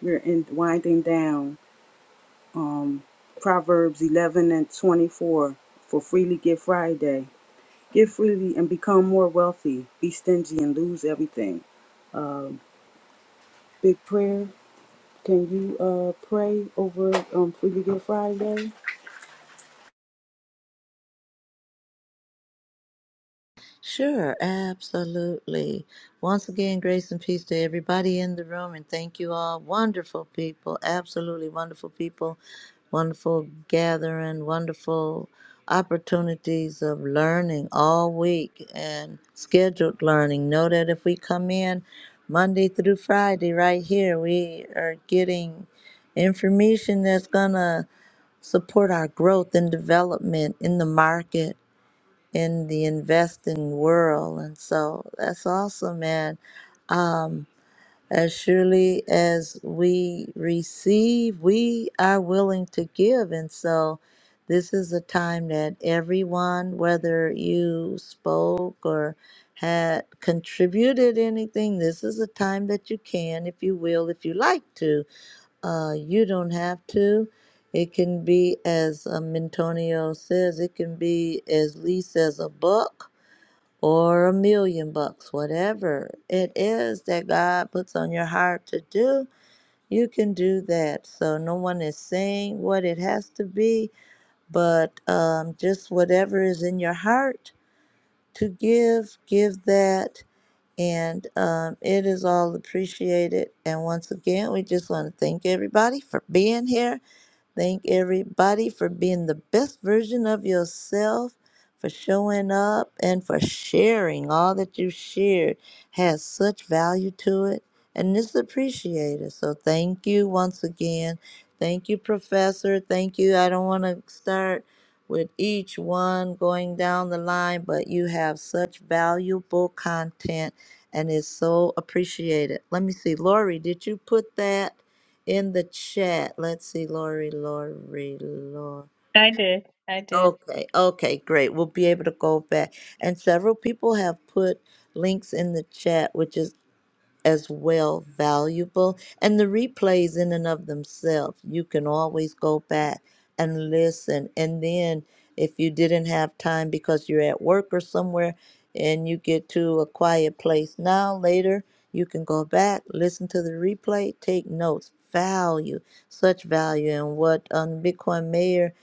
[SPEAKER 1] we're in winding down. Um, Proverbs eleven and twenty four for freely give Friday. Give freely and become more wealthy. Be stingy and lose everything. Um, big prayer. Can you uh pray over um freely give Friday?
[SPEAKER 2] Sure, absolutely. Once again, grace and peace to everybody in the room, and thank you all. Wonderful people, absolutely wonderful people, wonderful gathering, wonderful opportunities of learning all week and scheduled learning. Know that if we come in Monday through Friday, right here, we are getting information that's going to support our growth and development in the market in the investing world. And so that's awesome, man. Um, as surely as we receive, we are willing to give. And so this is a time that everyone, whether you spoke or had contributed anything, this is a time that you can, if you will, if you like to. Uh, you don't have to. It can be, as um, Antonio says, it can be as least as a buck or a million bucks, whatever it is that God puts on your heart to do, you can do that. So no one is saying what it has to be, but um, just whatever is in your heart to give, give that. And um, it is all appreciated. And once again, we just want to thank everybody for being here Thank everybody for being the best version of yourself, for showing up, and for sharing. All that you shared has such value to it, and it's appreciated. So, thank you once again. Thank you, Professor. Thank you. I don't want to start with each one going down the line, but you have such valuable content and it's so appreciated. Let me see. Lori, did you put that? in the chat. Let's see, Lori, Lori, Lori.
[SPEAKER 10] I did. I did.
[SPEAKER 2] Okay, okay, great. We'll be able to go back. And several people have put links in the chat, which is as well valuable. And the replays, in and of themselves, you can always go back and listen. And then, if you didn't have time because you're at work or somewhere and you get to a quiet place now, later, you can go back, listen to the replay, take notes. Value, such value, and what um, Bitcoin Mayor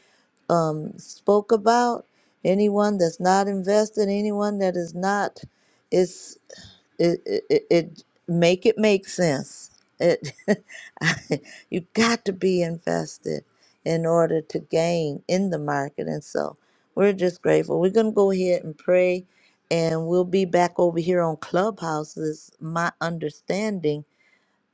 [SPEAKER 2] um, spoke about. Anyone that's not invested, anyone that is not. is it, it, it it- make it make sense. It [laughs] I- you got to be invested in order to gain in the market, and so we're just grateful. We're gonna go ahead and pray, and we'll be back over here on Clubhouse. Is my understanding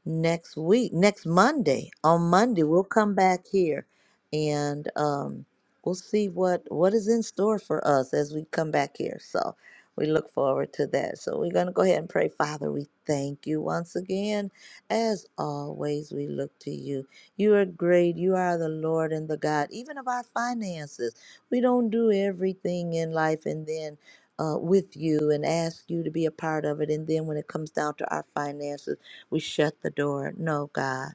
[SPEAKER 2] next week, next Monday. On Monday, we'll come back here and um, we'll see what what is in store for us as we come back here. So we look forward to that. So we're going to go ahead and pray. Father, we thank you once again. As always, we look to you. You are great. You are the Lord and the God, even of our finances. We don't do everything in life and then uh, with you and ask you to be a part of it. And then when it comes down to our finances, we shut the door. No, God,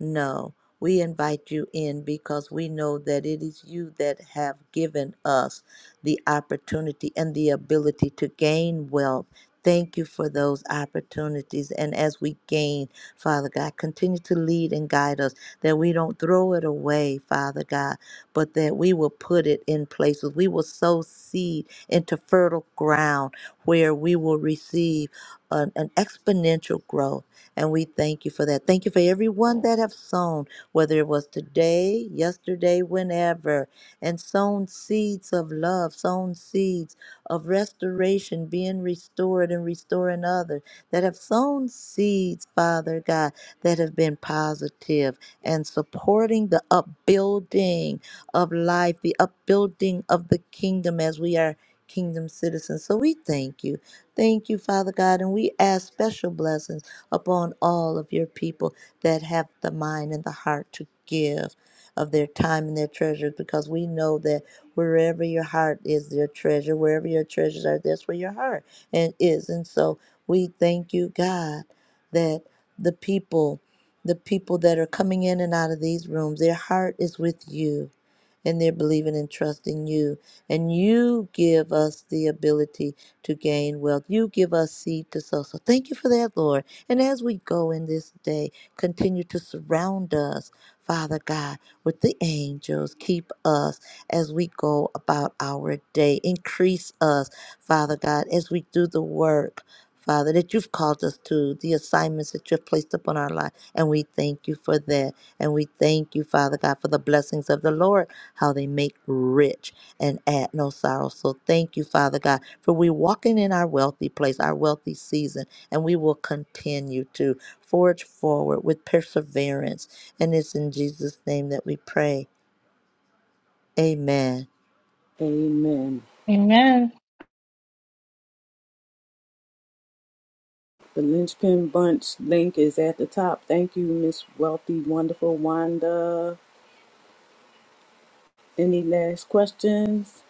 [SPEAKER 2] no. We invite you in because we know that it is you that have given us the opportunity and the ability to gain wealth. Thank you for those opportunities. And as we gain, Father God, continue to lead and guide us that we don't throw it away, Father God, but that we will put it in places. We will sow seed into fertile ground where we will receive an, an exponential growth. And we thank you for that. Thank you for everyone that have sown, whether it was today, yesterday, whenever, and sown seeds of love, sown seeds of restoration, being restored and restoring others, that have sown seeds, Father God, that have been positive and supporting the upbuilding of life, the upbuilding of the kingdom as we are kingdom citizens. So we thank you. Thank you, Father God, and we ask special blessings upon all of your people that have the mind and the heart to give of their time and their treasures because we know that wherever your heart is their treasure wherever your treasures are that's where your heart and is and so we thank you god that the people the people that are coming in and out of these rooms their heart is with you and they're believing and trusting you. And you give us the ability to gain wealth. You give us seed to sow. So thank you for that, Lord. And as we go in this day, continue to surround us, Father God, with the angels. Keep us as we go about our day. Increase us, Father God, as we do the work. Father, that you've called us to, the assignments that you've placed upon our life. And we thank you for that. And we thank you, Father God, for the blessings of the Lord how they make rich and add no sorrow. So thank you, Father God, for we walking in our wealthy place, our wealthy season, and we will continue to forge forward with perseverance. And it's in Jesus' name that we pray. Amen.
[SPEAKER 1] Amen.
[SPEAKER 10] Amen.
[SPEAKER 1] The Linchpin Bunch link is at the top. Thank you, Miss Wealthy, wonderful Wanda. Any last questions?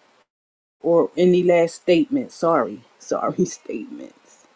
[SPEAKER 1] or any last statement. Sorry, sorry [laughs] statements.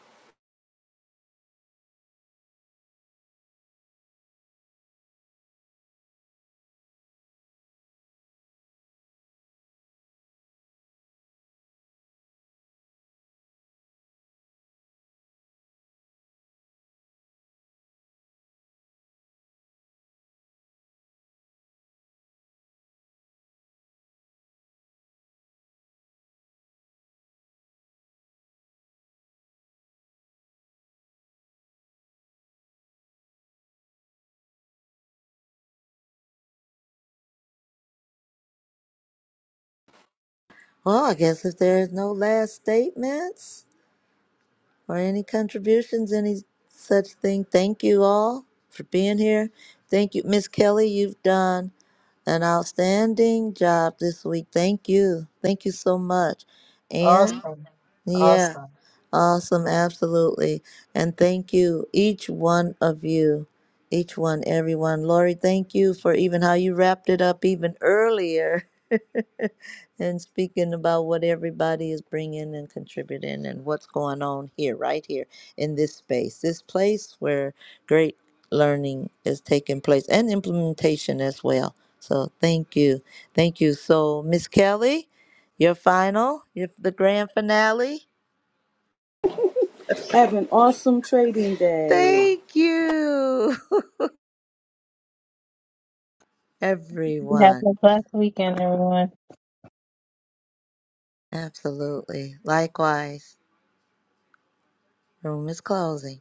[SPEAKER 2] Well, I guess if there's no last statements. for any contributions, any such thing. Thank you all for being here. Thank you, Miss Kelly. You've done an outstanding job this week. Thank you. Thank you so much. And
[SPEAKER 7] Awesome.
[SPEAKER 2] yeah,
[SPEAKER 7] Awesome.
[SPEAKER 2] Awesome, absolutely. And thank you, each one of you, each one, everyone. Lori, thank you for even how you wrapped it up even earlier [laughs] and speaking about what everybody is bringing and contributing and what's going on here, right here in this space, this place where great learning is taking place and implementation as well. So thank you. Thank you. So, Miss Kelly, your final, your, the grand finale.
[SPEAKER 1] Have an awesome trading day.
[SPEAKER 2] Thank you, [laughs]
[SPEAKER 10] You have
[SPEAKER 2] everyone.
[SPEAKER 10] a blessed weekend, everyone.
[SPEAKER 2] Absolutely. Likewise, room is closing.